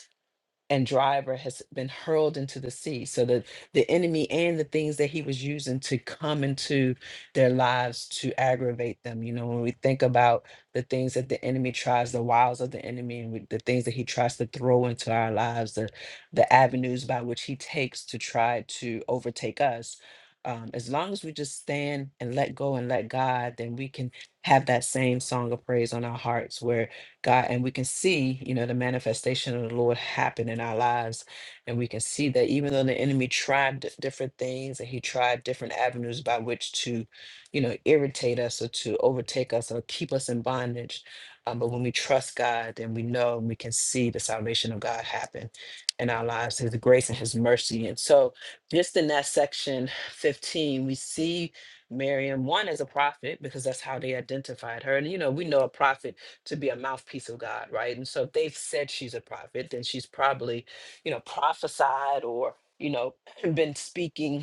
S1: and driver has been hurled into the sea so that the enemy and the things that he was using to come into their lives to aggravate them you know when we think about the things that the enemy tries the wiles of the enemy and with the things that he tries to throw into our lives the the avenues by which he takes to try to overtake us um, as long as we just stand and let go and let God, then we can have that same song of praise on our hearts where. God, and we can see, you know, the manifestation of the Lord happen in our lives. And we can see that even though the enemy tried di- different things and he tried different avenues by which to, you know, irritate us or to overtake us or keep us in bondage. Um, but when we trust God, then we know and we can see the salvation of God happen in our lives, His grace and His mercy. And so, just in that section 15, we see Miriam, one as a prophet, because that's how they identified her. And, you know, we know a prophet to be a mouthpiece of God, right? And so if they've said she's a prophet, then she's probably, you know, prophesied or, you know, *clears throat* been speaking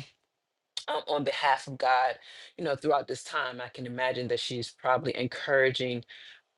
S1: um, on behalf of God, you know, throughout this time, I can imagine that she's probably encouraging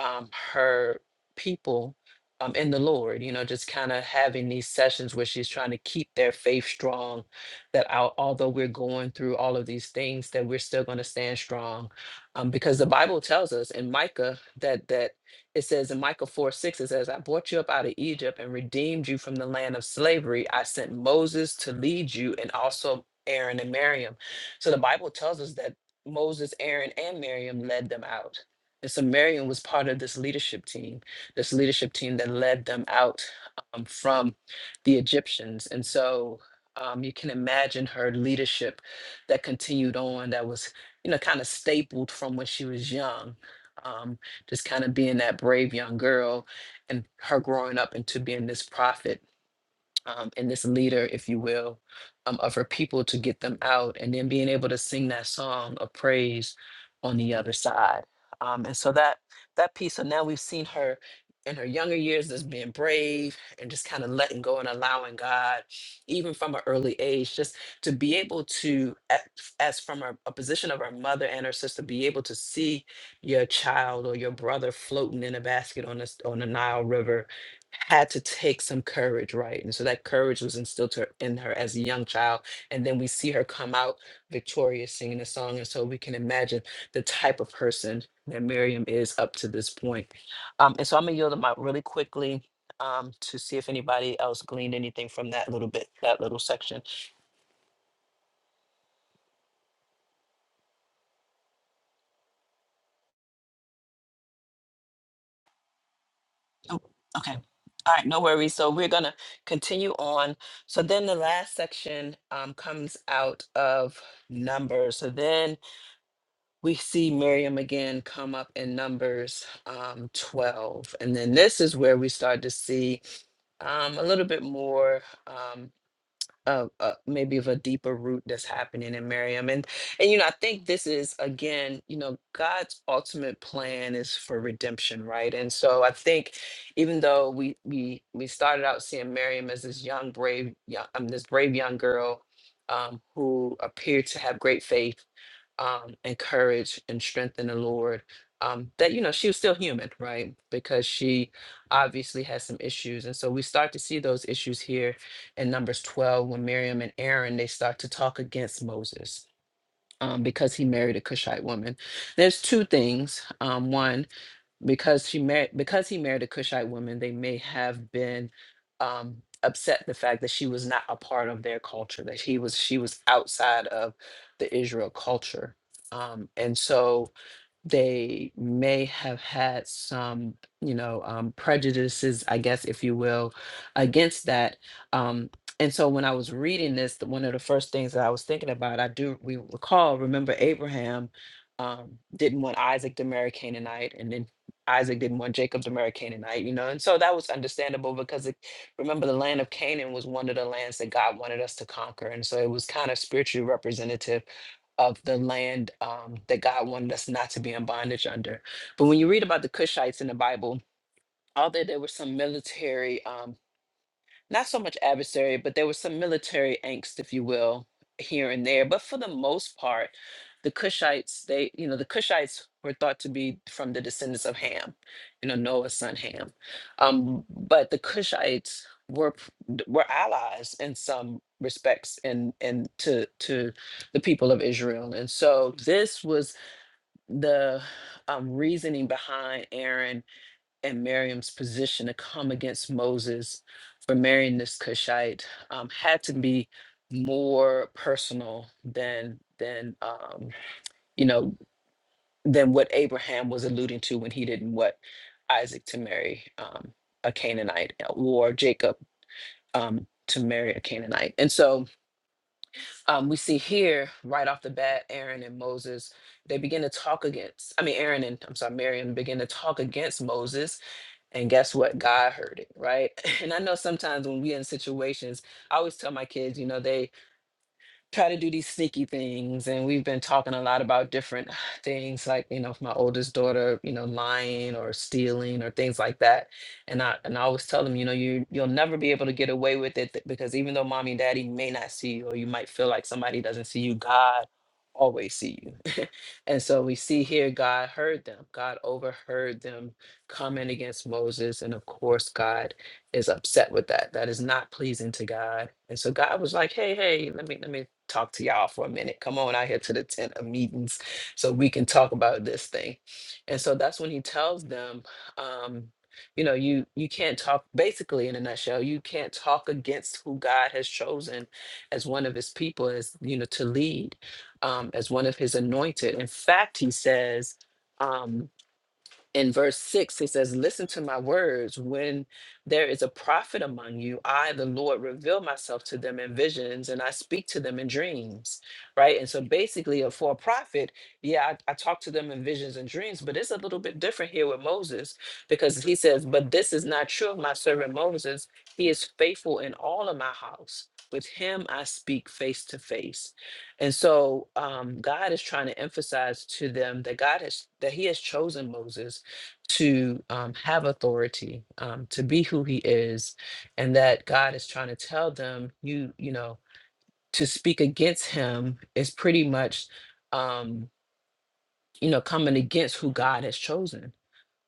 S1: um, her people um, in the Lord, you know, just kind of having these sessions where she's trying to keep their faith strong, that al- although we're going through all of these things, that we're still going to stand strong. Um, because the Bible tells us in Micah that, that it says in Micah 4, 6, it says, I brought you up out of Egypt and redeemed you from the land of slavery. I sent Moses to lead you and also Aaron and Miriam. So the Bible tells us that Moses, Aaron, and Miriam led them out. And so Miriam was part of this leadership team, this leadership team that led them out um, from the Egyptians. And so um, you can imagine her leadership that continued on, that was, you know, kind of stapled from when she was young, um, just kind of being that brave young girl and her growing up into being this prophet um, and this leader, if you will, um, of her people to get them out, and then being able to sing that song of praise on the other side. Um, and so that that piece. So now we've seen her in her younger years as being brave and just kind of letting go and allowing God, even from an early age, just to be able to, a- as from a, a position of her mother and her sister, be able to see your child or your brother floating in a basket on this on the Nile River had to take some courage, right? And so that courage was instilled to her, in her as a young child. And then we see her come out victorious singing a song. And so we can imagine the type of person that Miriam is up to this point. Um, and so I'm going to yield them out really quickly um, to see if anybody else gleaned anything from that little bit, that little section. Oh, okay. All right, no worries. So we're going to continue on. So then the last section um, comes out of Numbers. So then we see Miriam again come up in Numbers um, 12. And then this is where we start to see um, a little bit more um, of uh, maybe of a deeper root that's happening in Miriam. And, and, you know, I think this is, again, you know, God's ultimate plan is for redemption, right? And so I think even though we, we, we started out seeing Miriam as this young, brave, young, um, this brave young girl um, who appeared to have great faith um, encourage and strengthen the Lord. Um, that you know she was still human, right? Because she obviously has some issues, and so we start to see those issues here in Numbers twelve when Miriam and Aaron they start to talk against Moses um, because he married a Cushite woman. There's two things. Um, one because she married because he married a Cushite woman, they may have been um, upset the fact that she was not a part of their culture, that he was she was outside of the Israel culture, um, and so they may have had some, you know, um, prejudices, I guess, if you will, against that. Um, and so when I was reading this, the- one of the first things that I was thinking about, I do we recall, remember Abraham um, didn't want Isaac to marry Canaanite, and then Isaac didn't want Jacob to marry Canaanite, you know, and so that was understandable because it, remember the land of Canaan was one of the lands that God wanted us to conquer, and so it was kind of spiritually representative of the land um, that God wanted us not to be in bondage under. But when you read about the Cushites in the Bible, although there were some military um, not so much adversary, but there was some military angst, if you will, here and there. But for the most part, the Cushites, they, you know, the Cushites were thought to be from the descendants of Ham, you know, Noah's son Ham. Um, but the Cushites were p- d- were allies in some respects and and to to the people of Israel. And so this was the um, reasoning behind Aaron and Miriam's position to come against Moses for marrying this Cushite um, had to be more personal than than um, you know than what Abraham was alluding to when he didn't want Isaac to marry um, a Canaanite or Jacob um, to marry a Canaanite. And so um, we see here right off the bat, Aaron and Moses they begin to talk against. I mean, Aaron and I'm sorry, Miriam begin to talk against Moses and guess what? God heard it, right? *laughs* And I know sometimes when we're in situations, I always tell my kids, you know, they try to do these sneaky things and we've been talking a lot about different *sighs* things like you know my oldest daughter you know lying or stealing or things like that and i and i always tell them you know you you'll never be able to get away with it th- because even though mommy and daddy may not see you or you might feel like somebody doesn't see you god always see you *laughs* and so we see here god heard them god overheard them coming against moses and of course god is upset with that that is not pleasing to god and so god was like hey hey let me let me talk to y'all for a minute. Come on out here to the tent of meetings so we can talk about this thing. And so that's when he tells them, um, you know, you you can't talk basically in a nutshell, you can't talk against who God has chosen as one of his people, as you know, to lead, um, as one of his anointed. In fact, he says, um, in verse 6 he says listen to my words when there is a prophet among you i the lord reveal myself to them in visions and i speak to them in dreams right and so basically uh, for a prophet yeah I, I talk to them in visions and dreams but it's a little bit different here with moses because he says but this is not true of my servant moses he is faithful in all of my house with him i speak face to face and so um, god is trying to emphasize to them that god has that he has chosen moses to um, have authority, um, to be who he is, and that God is trying to tell them, you, you know, to speak against him is pretty much, um, you know, coming against who God has chosen.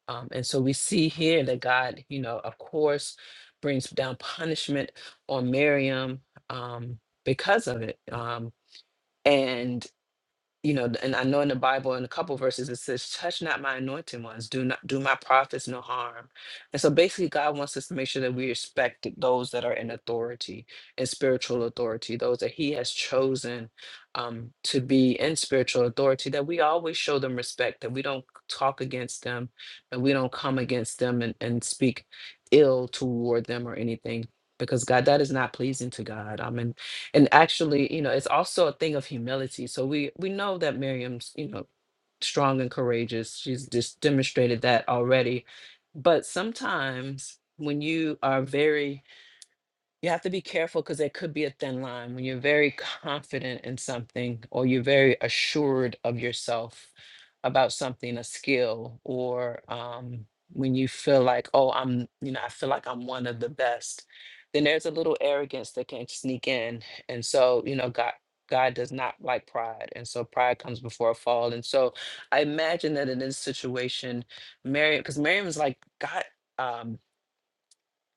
S1: Um, and so we see here that God, you know, of course, brings down punishment on Miriam um, because of it. Um, and you know, and I know in the Bible in a couple verses it says, "Touch not my anointed ones; do not do my prophets no harm." And so, basically, God wants us to make sure that we respect those that are in authority in spiritual authority, those that He has chosen um, to be in spiritual authority. That we always show them respect. That we don't talk against them, and we don't come against them and, and speak ill toward them or anything, because God, that is not pleasing to God and actually you know it's also a thing of humility so we we know that miriam's you know strong and courageous she's just demonstrated that already but sometimes when you are very you have to be careful because there could be a thin line when you're very confident in something or you're very assured of yourself about something a skill or um, when you feel like oh i'm you know i feel like i'm one of the best then there's a little arrogance that can sneak in and so you know god god does not like pride and so pride comes before a fall and so i imagine that in this situation miriam because miriam is like god um,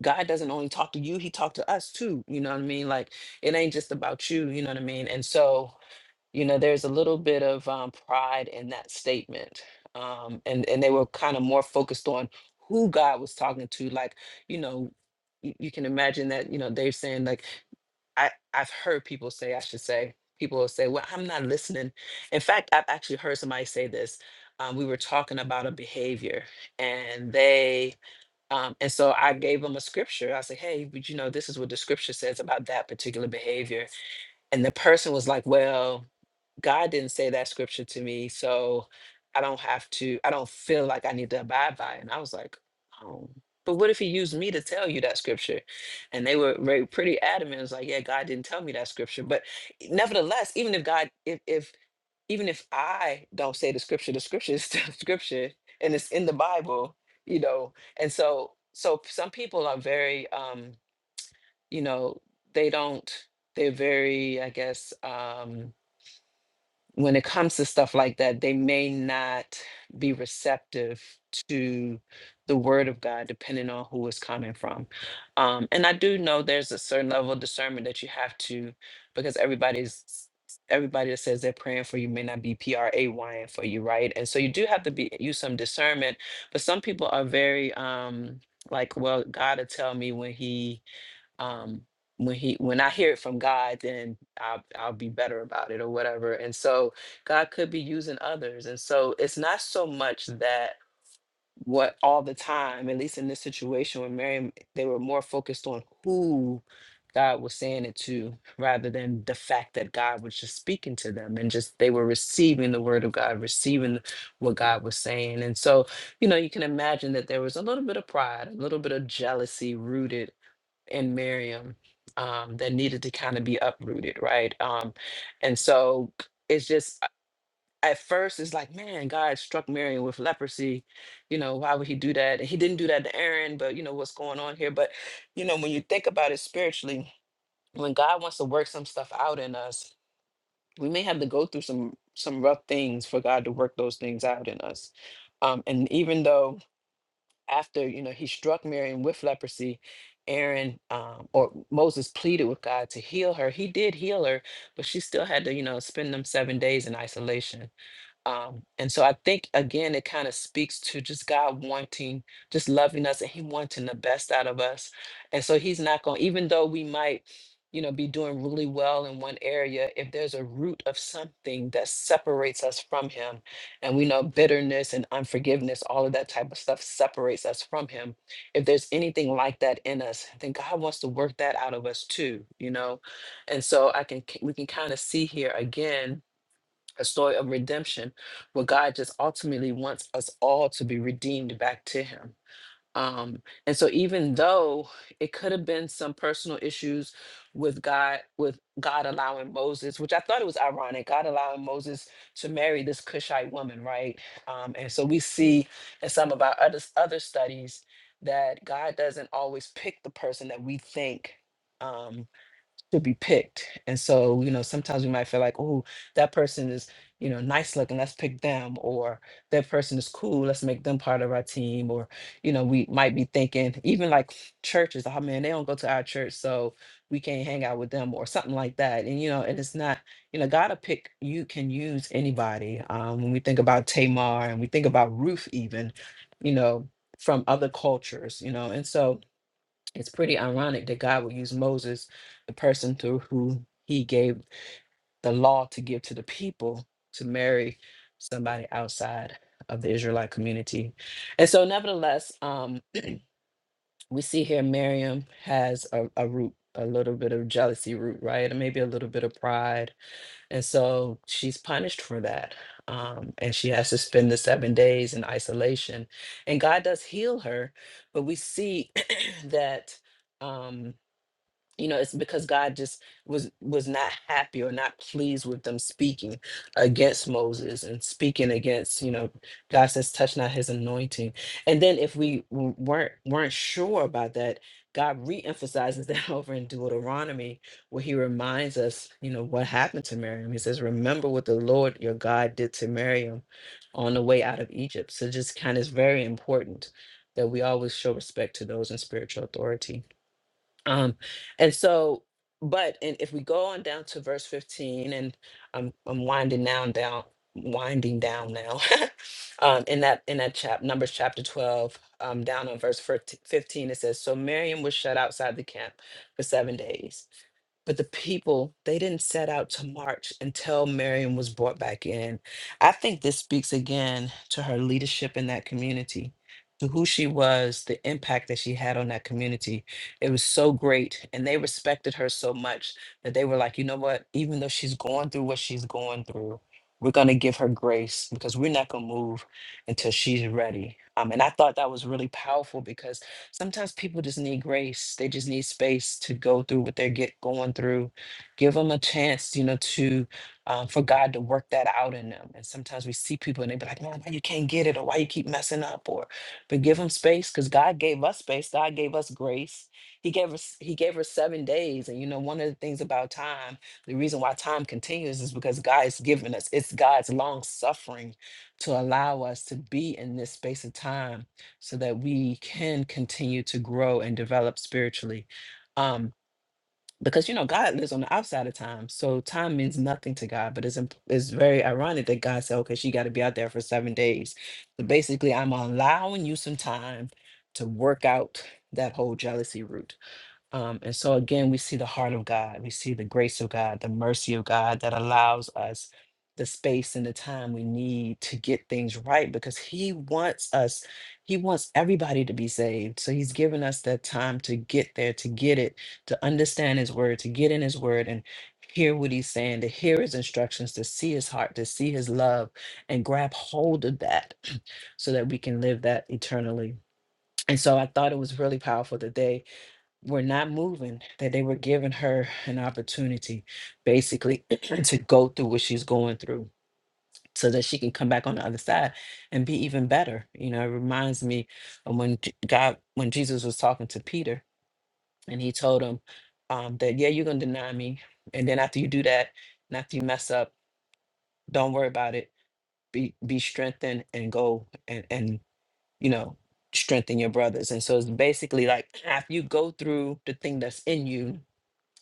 S1: God doesn't only talk to you, he talked to us too. You know what I mean? Like it ain't just about you, you know what I mean? And so, you know, there's a little bit of um, pride in that statement. Um, and, and they were kind of more focused on who God was talking to. Like, you know, you, you can imagine that, you know, they're saying like, I, I've heard people say, I should say, people will say, well, I'm not listening. In fact, I've actually heard somebody say this. Um, we were talking about a behavior and they um, and so I gave him a scripture. I said, hey, but you know, this is what the scripture says about that particular behavior. And the person was like, well, God didn't say that scripture to me. So I don't have to, I don't feel like I need to abide by it. And I was like, oh, but what if he used me to tell you that scripture? And they were very pretty adamant. It was like, yeah, God didn't tell me that scripture. But nevertheless, even if God, if, if even if I don't say the scripture, the scripture is still *laughs* scripture and it's in the Bible, you know. And so so some people are very um, you know, they don't they're very, I guess, um when it comes to stuff like that, they may not be receptive to the word of God, depending on who it's coming from. Um, and I do know there's a certain level of discernment that you have to, because everybody's everybody that says they're praying for you may not be praying for you, right? And so you do have to be use some discernment. But some people are very um like, well, God will tell me when he um when he when i hear it from god then i'll i'll be better about it or whatever and so god could be using others and so it's not so much that what all the time at least in this situation with mary they were more focused on who god was saying it to rather than the fact that god was just speaking to them and just they were receiving the word of god receiving what god was saying and so you know you can imagine that there was a little bit of pride a little bit of jealousy rooted and Miriam um, that needed to kind of be uprooted, right? Um, and so it's just uh, at first it's like, man, God struck Miriam with leprosy. You know, why would He do that? And He didn't do that to Aaron, but you know what's going on here. But you know, when you think about it spiritually, when God wants to work some stuff out in us, we may have to go through some some rough things for God to work those things out in us. Um, and even though after you know he struck Miriam with leprosy, Aaron um, or Moses pleaded with God to heal her. He did heal her, but she still had to you know spend them seven days in isolation. Um, and so I think again, it kind of speaks to just God wanting, just loving us, and He wanting the best out of us. And so He's not going, even though we might, you know, be doing really well in one area, if there's a root of something that separates us from Him, and we know bitterness and unforgiveness, all of that type of stuff separates us from Him. If there's anything like that in us, then God wants to work that out of us too, you know. And so I can, we can kind of see here again a story of redemption where God just ultimately wants us all to be redeemed back to Him. Um, and so even though it could have been some personal issues with God, with God allowing Moses, which I thought it was ironic, God allowing Moses to marry this Cushite woman, right? Um, and so we see in some of our other other studies that God doesn't always pick the person that we think. um, to be picked. And so, you know, sometimes we might feel like, oh, that person is, you know, nice looking, let's pick them, or that person is cool, let's make them part of our team. Or, you know, we might be thinking, even like churches, oh man, they don't go to our church, so we can't hang out with them or something like that. And, you know, and it's not, you know, gotta pick, you can use anybody. Um, when we think about Tamar and we think about Ruth, even, you know, from other cultures, you know, and so it's pretty ironic that God would use Moses, the person through who he gave the law to give to the people, to marry somebody outside of the Israelite community. And so, nevertheless, um, we see here Miriam has a, a root, a little bit of jealousy root, right? And maybe a little bit of pride. And so she's punished for that. Um, and she has to spend the seven days in isolation. And God does heal her, but we see *clears throat* that. Um, you know it's because god just was was not happy or not pleased with them speaking against moses and speaking against you know god says touch not his anointing and then if we w- weren't weren't sure about that god reemphasizes that *laughs* over in deuteronomy where he reminds us you know what happened to miriam he says remember what the lord your god did to miriam on the way out of egypt so just kind of it's very important that we always show respect to those in spiritual authority um, and so, but and if we go on down to verse 15, and I'm I'm winding down down winding down now *laughs* um in that in that chap numbers chapter 12 um down on verse 14 15 it says so miriam was shut outside the camp for seven days but the people they didn't set out to march until miriam was brought back in i think this speaks again to her leadership in that community to who she was the impact that she had on that community it was so great. And they respected her so much that they were like, you know what? Even though she's going through what she's going through, we're going to give her grace because we're not going to move until she's ready. Um, and I thought that was really powerful because sometimes people just need grace. They just need space to go through what they're get going through. Give them a chance, you know, to um, for God to work that out in them. And sometimes we see people and they be like, "Man, why you can't get it, or why you keep messing up, or but give them space because God gave us space. God gave us grace he gave us he gave her seven days. And you know, one of the things about time, the reason why time continues is because God has given us, it's God's long suffering to allow us to be in this space of time so that we can continue to grow and develop spiritually. Um because you know God lives on the outside of time, so time means nothing to God. But it's imp- it's very ironic that God said, "Okay, she got to be out there for seven days." So basically, I'm allowing you some time to work out that whole jealousy root. Um, and so again, we see the heart of God, we see the grace of God, the mercy of God that allows us the space and the time we need to get things right because He wants us, He wants everybody to be saved. So He's given us that time to get there, to get it, to understand His word, to get in His word and hear what He's saying, to hear His instructions, to see His heart, to see His love, and grab hold of that *clears throat* so that we can live that eternally. And so I thought it was really powerful today were not moving, that they were giving her an opportunity basically *clears throat* to go through what she's going through so that she can come back on the other side and be even better. You know, it reminds me of when J- God, when Jesus was talking to Peter and he told him um, that, yeah, you're going to deny me. And then after you do that, and after you mess up, don't worry about it. Be, be strengthened and go and, and, you know, strengthen your brothers. And so it's basically like *clears throat* after you go through the thing that's in you,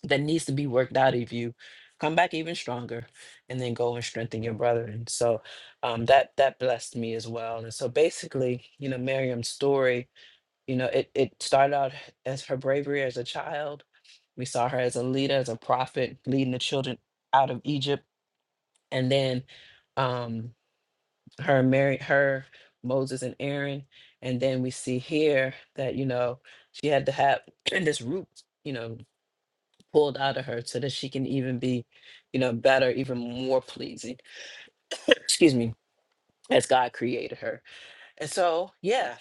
S1: that needs to be worked out of you come back even stronger and then go and strengthen your brethren so um, that that blessed me as well and so basically you know miriam's story you know it, it started out as her bravery as a child we saw her as a leader as a prophet leading the children out of egypt and then um, her mary her moses and aaron and then we see here that you know she had to have *clears throat* this root you know pulled out of her so that she can even be, you know, better, even more pleasing, *clears throat* excuse me, as God created her. And so, yeah,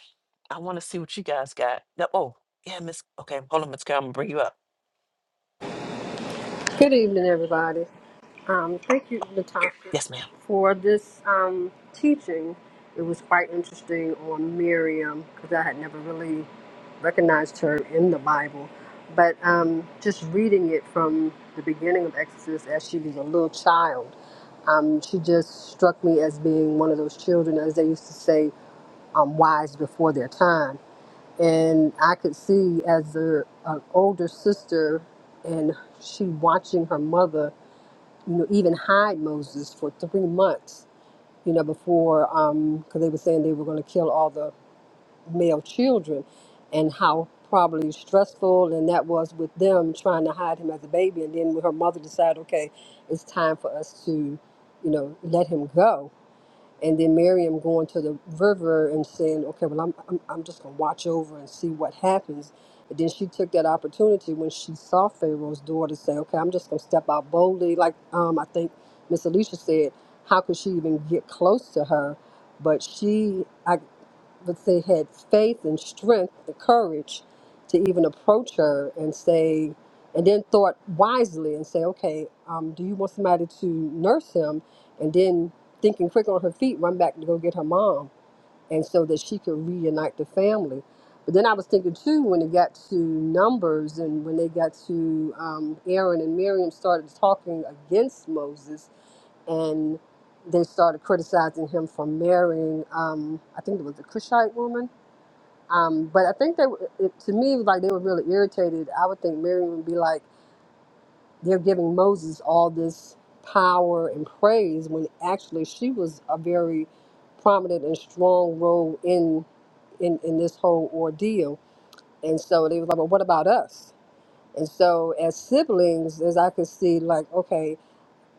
S1: I want to see what you guys got. No- Oh, yeah, Miss. Okay, hold on, Miss Carol. I'm gonna bring you up.
S5: Good evening, everybody. Um, thank you, Natasha,
S1: Yes, ma'am.
S5: for this um, teaching. It was quite interesting on Miriam because I had never really recognized her in the Bible. But um, just reading it from the beginning of Exodus as she was a little child, um, she just struck me as being one of those children, as they used to say, um, wise before their time and I could see as a, an older sister, and she watching her mother, you know, even hide Moses for three months, you know, before because they were saying they were going to kill all the male children, and how probably stressful and that was with them trying to hide him as a baby, and then when her mother decided, okay, it's time for us to, you know, let him go and then Miriam going to the river and saying, "Okay, well, I'm I'm, I'm just gonna watch over and see what happens." And then she took that opportunity when she saw Pharaoh's daughter say, "Okay, I'm just gonna step out boldly." Like um, I think Miss Alicia said, how could she even get close to her? But she, I, but they had faith and strength, the courage to even approach her and say, and then thought wisely and say, okay, um, do you want somebody to nurse him? And then thinking quick on her feet, run back to go get her mom, and so that she could reunite the family. But then I was thinking too, when it got to Numbers and when they got to um, Aaron and Miriam started talking against Moses and they started criticizing him for marrying, um, I think it was a Cushite woman um, but I think that it, to me, like they were really irritated. I would think Miriam would be like, they're giving Moses all this power and praise when actually she was a very prominent and strong role in in, in this whole ordeal. And so they was like, well, what about us? And so as siblings, as I could see, like, okay,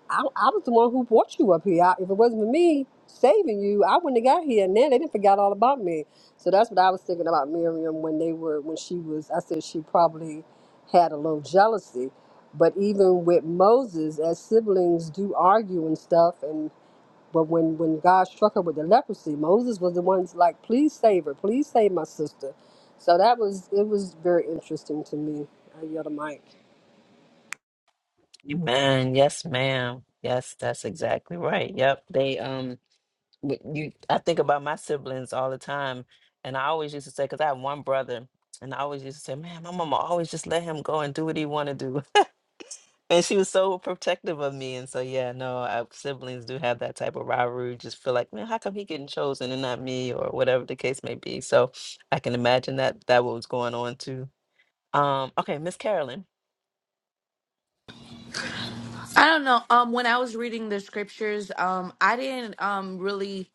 S5: I, I was the one who brought you up here. I, if it wasn't for me saving you, I wouldn't have got here. And then they didn't forgot all about me. So that's what I was thinking about Miriam when they were when she was. I said she probably had a little jealousy. But even with Moses, as siblings do argue and stuff, and but when when God struck her with the leprosy, Moses was the one's like, please save her, please save my sister. So that was it was very interesting to me. I yelled a mic.
S1: Amen. Yes, ma'am. Yes, that's exactly right. Yep. They um, w- you. I think about my siblings all the time, and I always used to say, because I have one brother, and I always used to say, man, my mama always just let him go and do what he want to do. And she was so protective of me. And so, yeah, no, I, siblings do have that type of rivalry. Just feel like, man, how come he getting chosen and not me or whatever the case may be. So I can imagine that that what was going on too. Um, okay, Miss Carolyn.
S6: I don't know. Um, when I was reading the scriptures, um, I didn't um really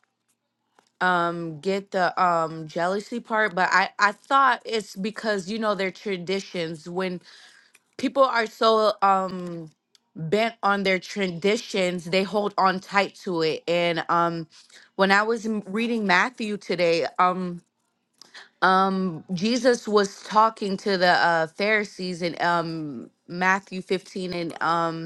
S6: um get the um jealousy part, but I I thought it's because you know their traditions. When people are so um bent on their traditions, they hold on tight to it. And um, when I was m- reading Matthew today, um. Um, Jesus was talking to the uh, Pharisees in um, Matthew 15 and um,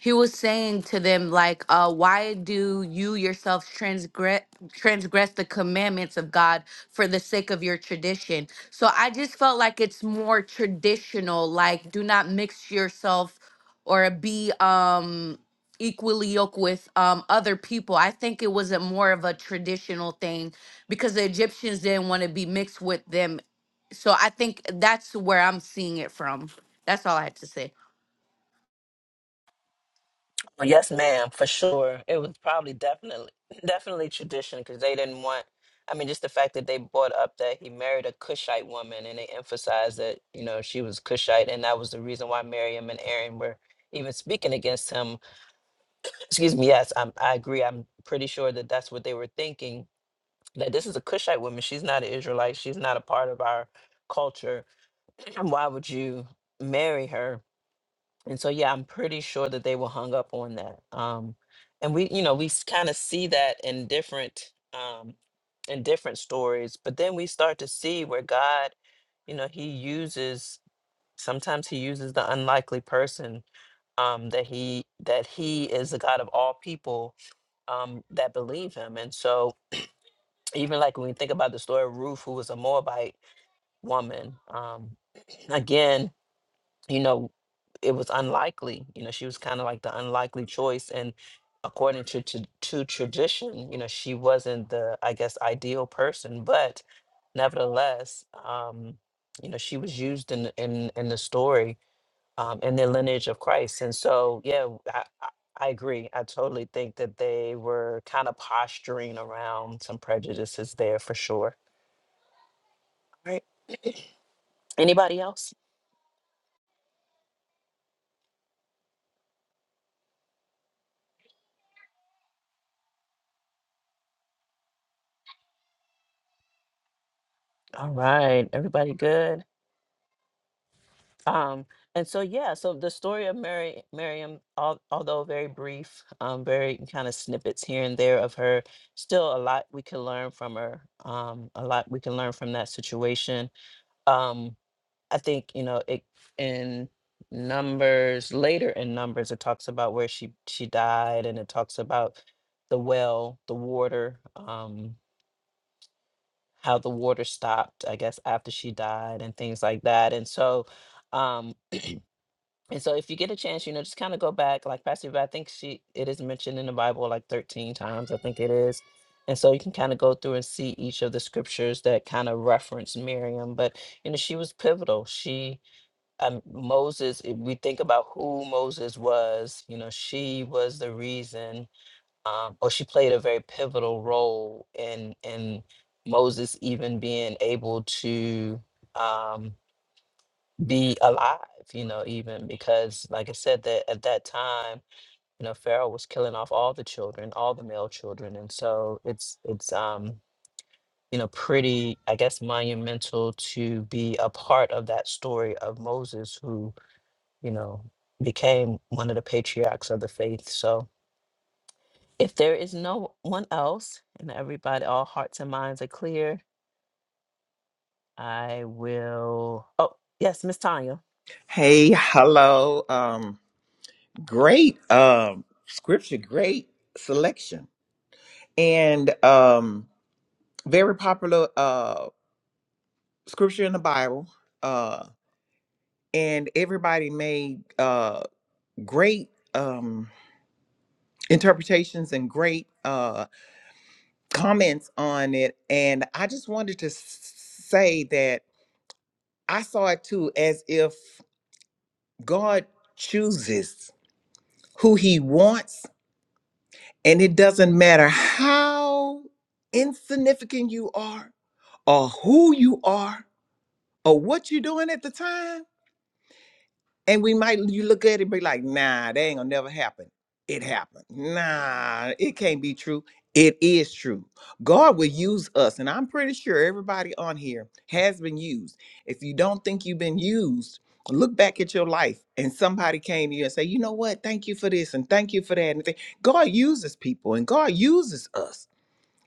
S6: he was saying to them like uh why do you yourselves transgress transgress the commandments of god for the sake of your tradition so i just felt like it's more traditional like do not mix yourself or be um equally yoked with um other people i think it was a more of a traditional thing because the egyptians didn't want to be mixed with them so i think that's where i'm seeing it from that's all i had to say
S1: Oh, Yes, ma'am, for sure. It was probably definitely, definitely tradition because they didn't want, I mean, just the fact that they brought up that he married a Cushite woman and they emphasized that, you know, she was Cushite. And that was the reason why Miriam and Aaron were even speaking against him Excuse me. Yes, I'm, I agree. I'm pretty sure that that's what they were thinking. That this is a Cushite woman. She's not an Israelite. She's not a part of our culture. *clears throat* Why would you marry her? And so, yeah, I'm pretty sure that they were hung up on that. Um, and we, you know, we kind of see that in different, um, in different stories. But then we start to see where God, you know, He uses. Sometimes He uses the unlikely person um, that he that he is the God of all people um, that believe him. And so, even like when we think about the story of Ruth, who was a Moabite woman, um, again, you know, it was unlikely. You know, she was kind of like the unlikely choice. And according to, to to tradition, you know, she wasn't the, I guess, ideal person. But nevertheless, um, you know, she was used in in in the story um, and their lineage of Christ. And so, yeah, I, I I agree. I totally think that they were kind of posturing around some prejudices there for sure. All right. Anybody else? All right. Everybody good? Um, and so, yeah, so the story of Mary, Miriam, al- although very brief, um, very kind of snippets here and there of her, still a lot we can learn from her, um, a lot we can learn from that situation. Um, I think you know it in numbers later in numbers it talks about where she she died and it talks about the well the water um how the water stopped I guess after she died and things like that and so um and so if you get a chance you know just kind of go back like Pastor Yvette, I think she it is mentioned in the Bible like 13 times I think it is and so you can kind of go through and see each of the scriptures that kind of reference Miriam but you know she was pivotal she um, Moses, if we think about who Moses was, you know, she was the reason, um, or she played a very pivotal role in in Moses even being able to um, be alive. You know, even because, like I said, that at that time, you know, Pharaoh was killing off all the children, all the male children, and so it's it's um, you know pretty, I guess, monumental to be a part of that story of Moses who you know, became one of the patriarchs of the faith. So if there is no one else and everybody, all hearts and minds are clear, I will. Oh, yes, Miss Tanya.
S7: Hey, hello. Um, great um scripture, great selection. And um very popular uh scripture in the Bible. Uh and everybody made uh great um interpretations and great uh comments on it. And I just wanted to s- say that I saw it too as if God chooses who he wants And it doesn't matter how insignificant you are or who you are or what you're doing at the time. And we might you look at it and be like, nah, that ain't gonna never happen. It happened. Nah, it can't be true. It is true. God will use us, and I'm pretty sure everybody on here has been used. If you don't think you've been used, look back at your life and somebody came to you and say, you know what? Thank you for this and thank you for that. And th- God uses people and God uses us.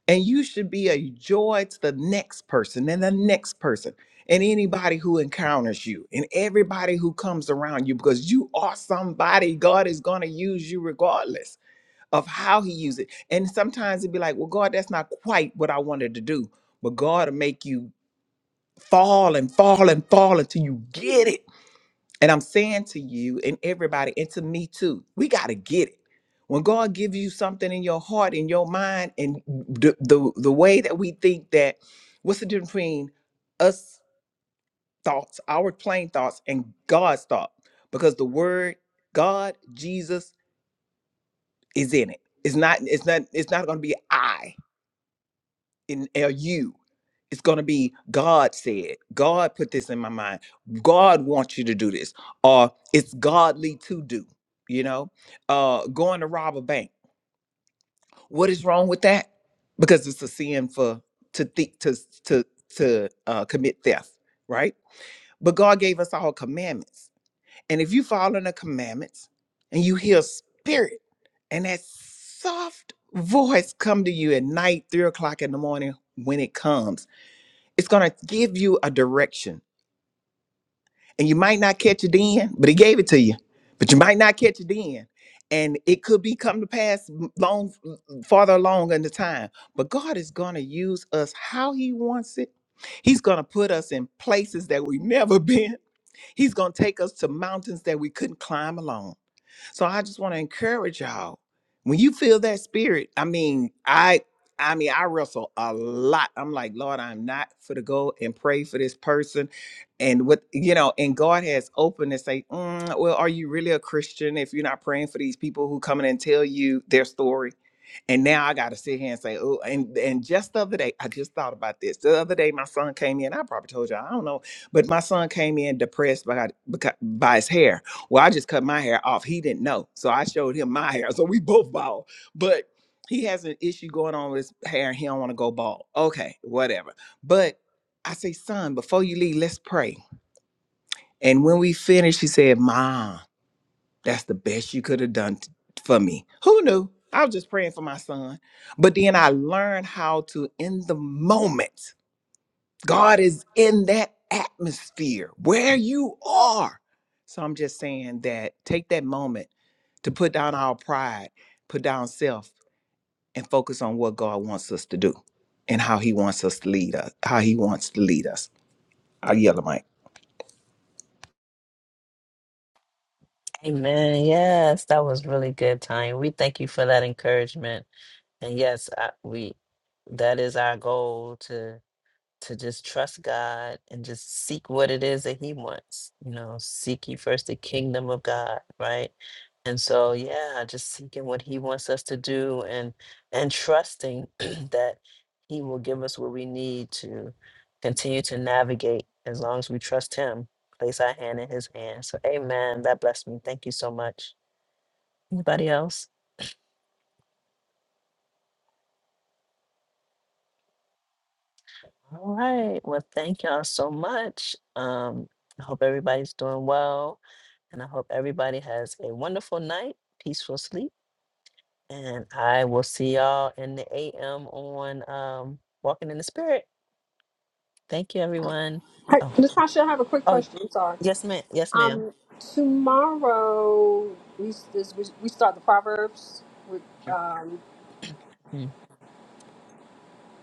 S7: And you should be a joy to the next person and the next person and anybody who encounters you and everybody who comes around you because you are somebody God is going to use you regardless of how he uses it. And sometimes it'd be like, well, God, that's not quite what I wanted to do. But God will make you fall and fall and fall until you get it and I'm saying to you and everybody, and to me too, we got to get it. When God gives you something in your heart, in your mind, and the, the the way that we think that, what's the difference between us thoughts, our plain thoughts, and God's thought? Because the word God, Jesus, is in it. It's not. It's not. It's not going to be I. in or you. It's going to be God said. God put this in my mind. God wants you to do this, or it's godly to do. You know, uh, going to rob a bank. What is wrong with that? Because it's a sin for to think to to to uh, commit theft, right? But God gave us all commandments, and if you follow the commandments, and you hear spirit and that soft voice come to you at night, three o'clock in the morning when it comes it's going to give you a direction. And you might not catch it then, but he gave it to you. But you might not catch it then. And it could be come to pass m- long, farther along in the time. But God is going to use us how he wants it. He's going to put us in places that we've never *laughs* been. He's going to take us to mountains that we couldn't climb alone. So I just want to encourage y'all. When you feel that spirit, I mean, I I mean, I wrestle a lot. I'm like, Lord, I'm not for to go and pray for this person. And what you know, and God has opened and say, "Mm, well, are you really a Christian if you're not praying for these people who come in and tell you their story? And now I gotta sit here and say, oh, and and just the other day, I just thought about this. The other day, my son came in. I probably told you, I don't know, but my son came in depressed by because, by his hair. Well, I just cut my hair off. He didn't know. So I showed him my hair. So we both bald. But he has an issue going on with his hair. and He don't want to go bald. Okay, whatever. But I say, son, before you leave, let's pray. And when we finished, he said, Mom, that's the best you could have done t- for me. Who knew? I was just praying for my son. But then I learned how to, in the moment, God is in that atmosphere where you are. So I'm just saying that take that moment to put down our pride, put down self, and focus on what God wants us to do and how He wants us to lead us, how He wants to lead us. I yell at Mike.
S1: Amen. Yes, that was really good, Tanya. We thank you for that encouragement. And yes, I, we that is our goal to to just trust God and just seek what it is that He wants. You know, seek ye first the kingdom of God, right? And so, yeah, just seeking what He wants us to do and and trusting *clears throat* that He will give us what we need to continue to navigate as long as we trust Him. Place our hand in His hand. So, Amen. That blessed me. Thank you so much. Anybody else? All right. Well, thank y'all so much. Um, I hope everybody's doing well And I hope everybody has a wonderful night, peaceful sleep. And I will see y'all in the AM on um, Walking in the Spirit. Thank you, everyone.
S5: Hey,
S1: Oh,
S5: Natasha, I have a quick
S1: oh,
S5: question. I'm sorry.
S1: yes, ma'am. Yes, ma'am.
S5: Um, tomorrow we s- this, we, we start the proverbs. With, um,
S1: Mm.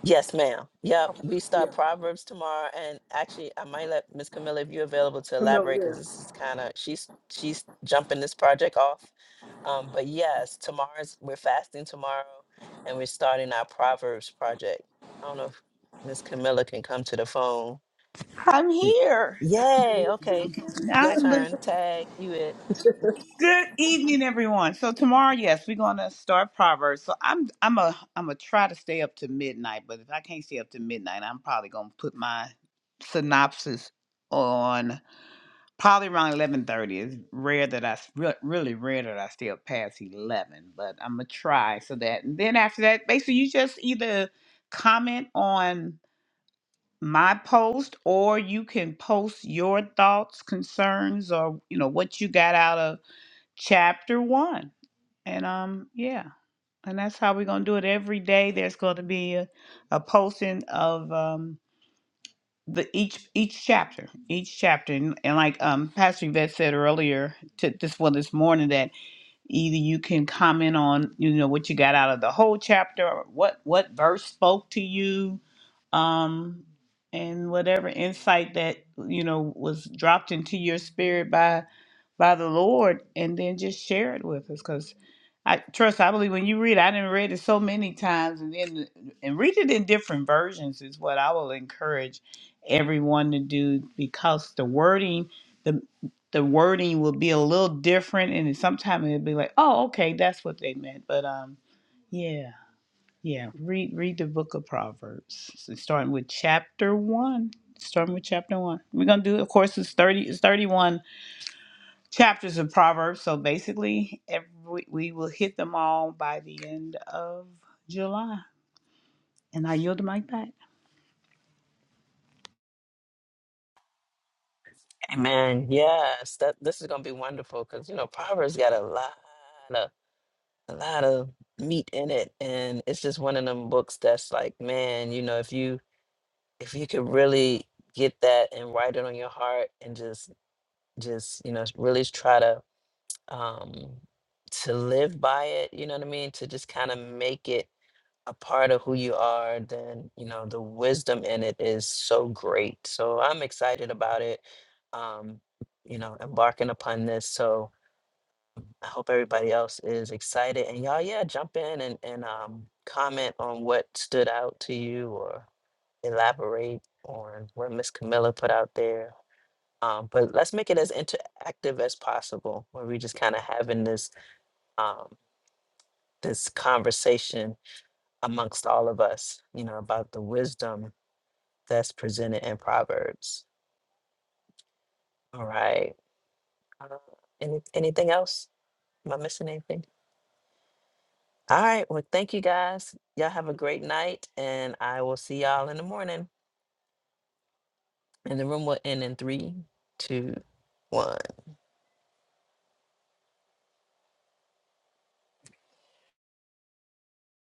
S1: Yes, ma'am. Yep.
S5: okay,
S1: We start
S5: yeah,
S1: Proverbs tomorrow. And actually, I might let Miss Camilla, if you're available to elaborate, because
S5: familiar.
S1: this is kind of, she's, she's jumping this project off. Um, but yes, tomorrow's we're fasting tomorrow, and we're starting our Proverbs project. I don't know if Miss Camilla can come to the phone.
S8: I'm
S1: Mm.
S8: here.
S1: Yay! Okay, your
S8: I'm lis-
S1: turn. Tag you it.
S5: *laughs*
S8: good evening, everyone. So tomorrow, yes, we're gonna start Proverbs. So I'm I'm a I'm gonna try to stay up to midnight, but if I can't stay up to midnight, I'm probably gonna put my synopsis on probably around eleven thirty. It's rare that I s- re- really rare that I stay up past eleven, but I'm gonna try so that. And then after that, basically, you just either comment on. my post or you can post your thoughts concerns or you know what you got out of chapter one and um yeah and that's how we're going to do it every day there's going to be a, a posting of um the each each chapter each chapter and, and like um pastor yvette said earlier to this one this morning either you can comment on you know what you got out of the whole chapter or what what verse spoke to you um and whatever insight that you know was dropped into your spirit by by the lord and then just share it with us because i trust i believe when you read i didn't read it so many times and then and read it in different versions is what i will encourage everyone to do because the wording the wording will be a little different and sometimes it'll be like oh okay that's what they meant but um yeah yeah read read the book of proverbs so starting with chapter one starting with chapter one we're gonna do of course it's 30 it's 31 chapters of proverbs so basically every we will hit them all by the end of july and i yield the mic back
S1: Amen. Yes, that this is gonna be wonderful because you know Proverbs got a lot of a lot of meat in it, and it's just one of them books that's like, man, you know, if you if you could really get that and write it on your heart and just just you know really try to um, to live by it, you know what I mean? To just kind of make it a part of who you are, then, you know, the wisdom in it is so great. So I'm excited about it, um, you know, embarking upon this. So I hope everybody else is excited. And y'all, yeah, jump in and, and um, comment on what stood out to you or elaborate on what Miss Camilla put out there. Um, but let's make it as interactive as possible, where we just kind of having this. Um. this conversation amongst all of us, you know, about the wisdom that's presented in Proverbs. All right. Uh, any, anything else? Am I missing anything? All right. Well, thank you guys. Y'all have a great night, and I will see y'all in the morning. And the room will end in three, two, one.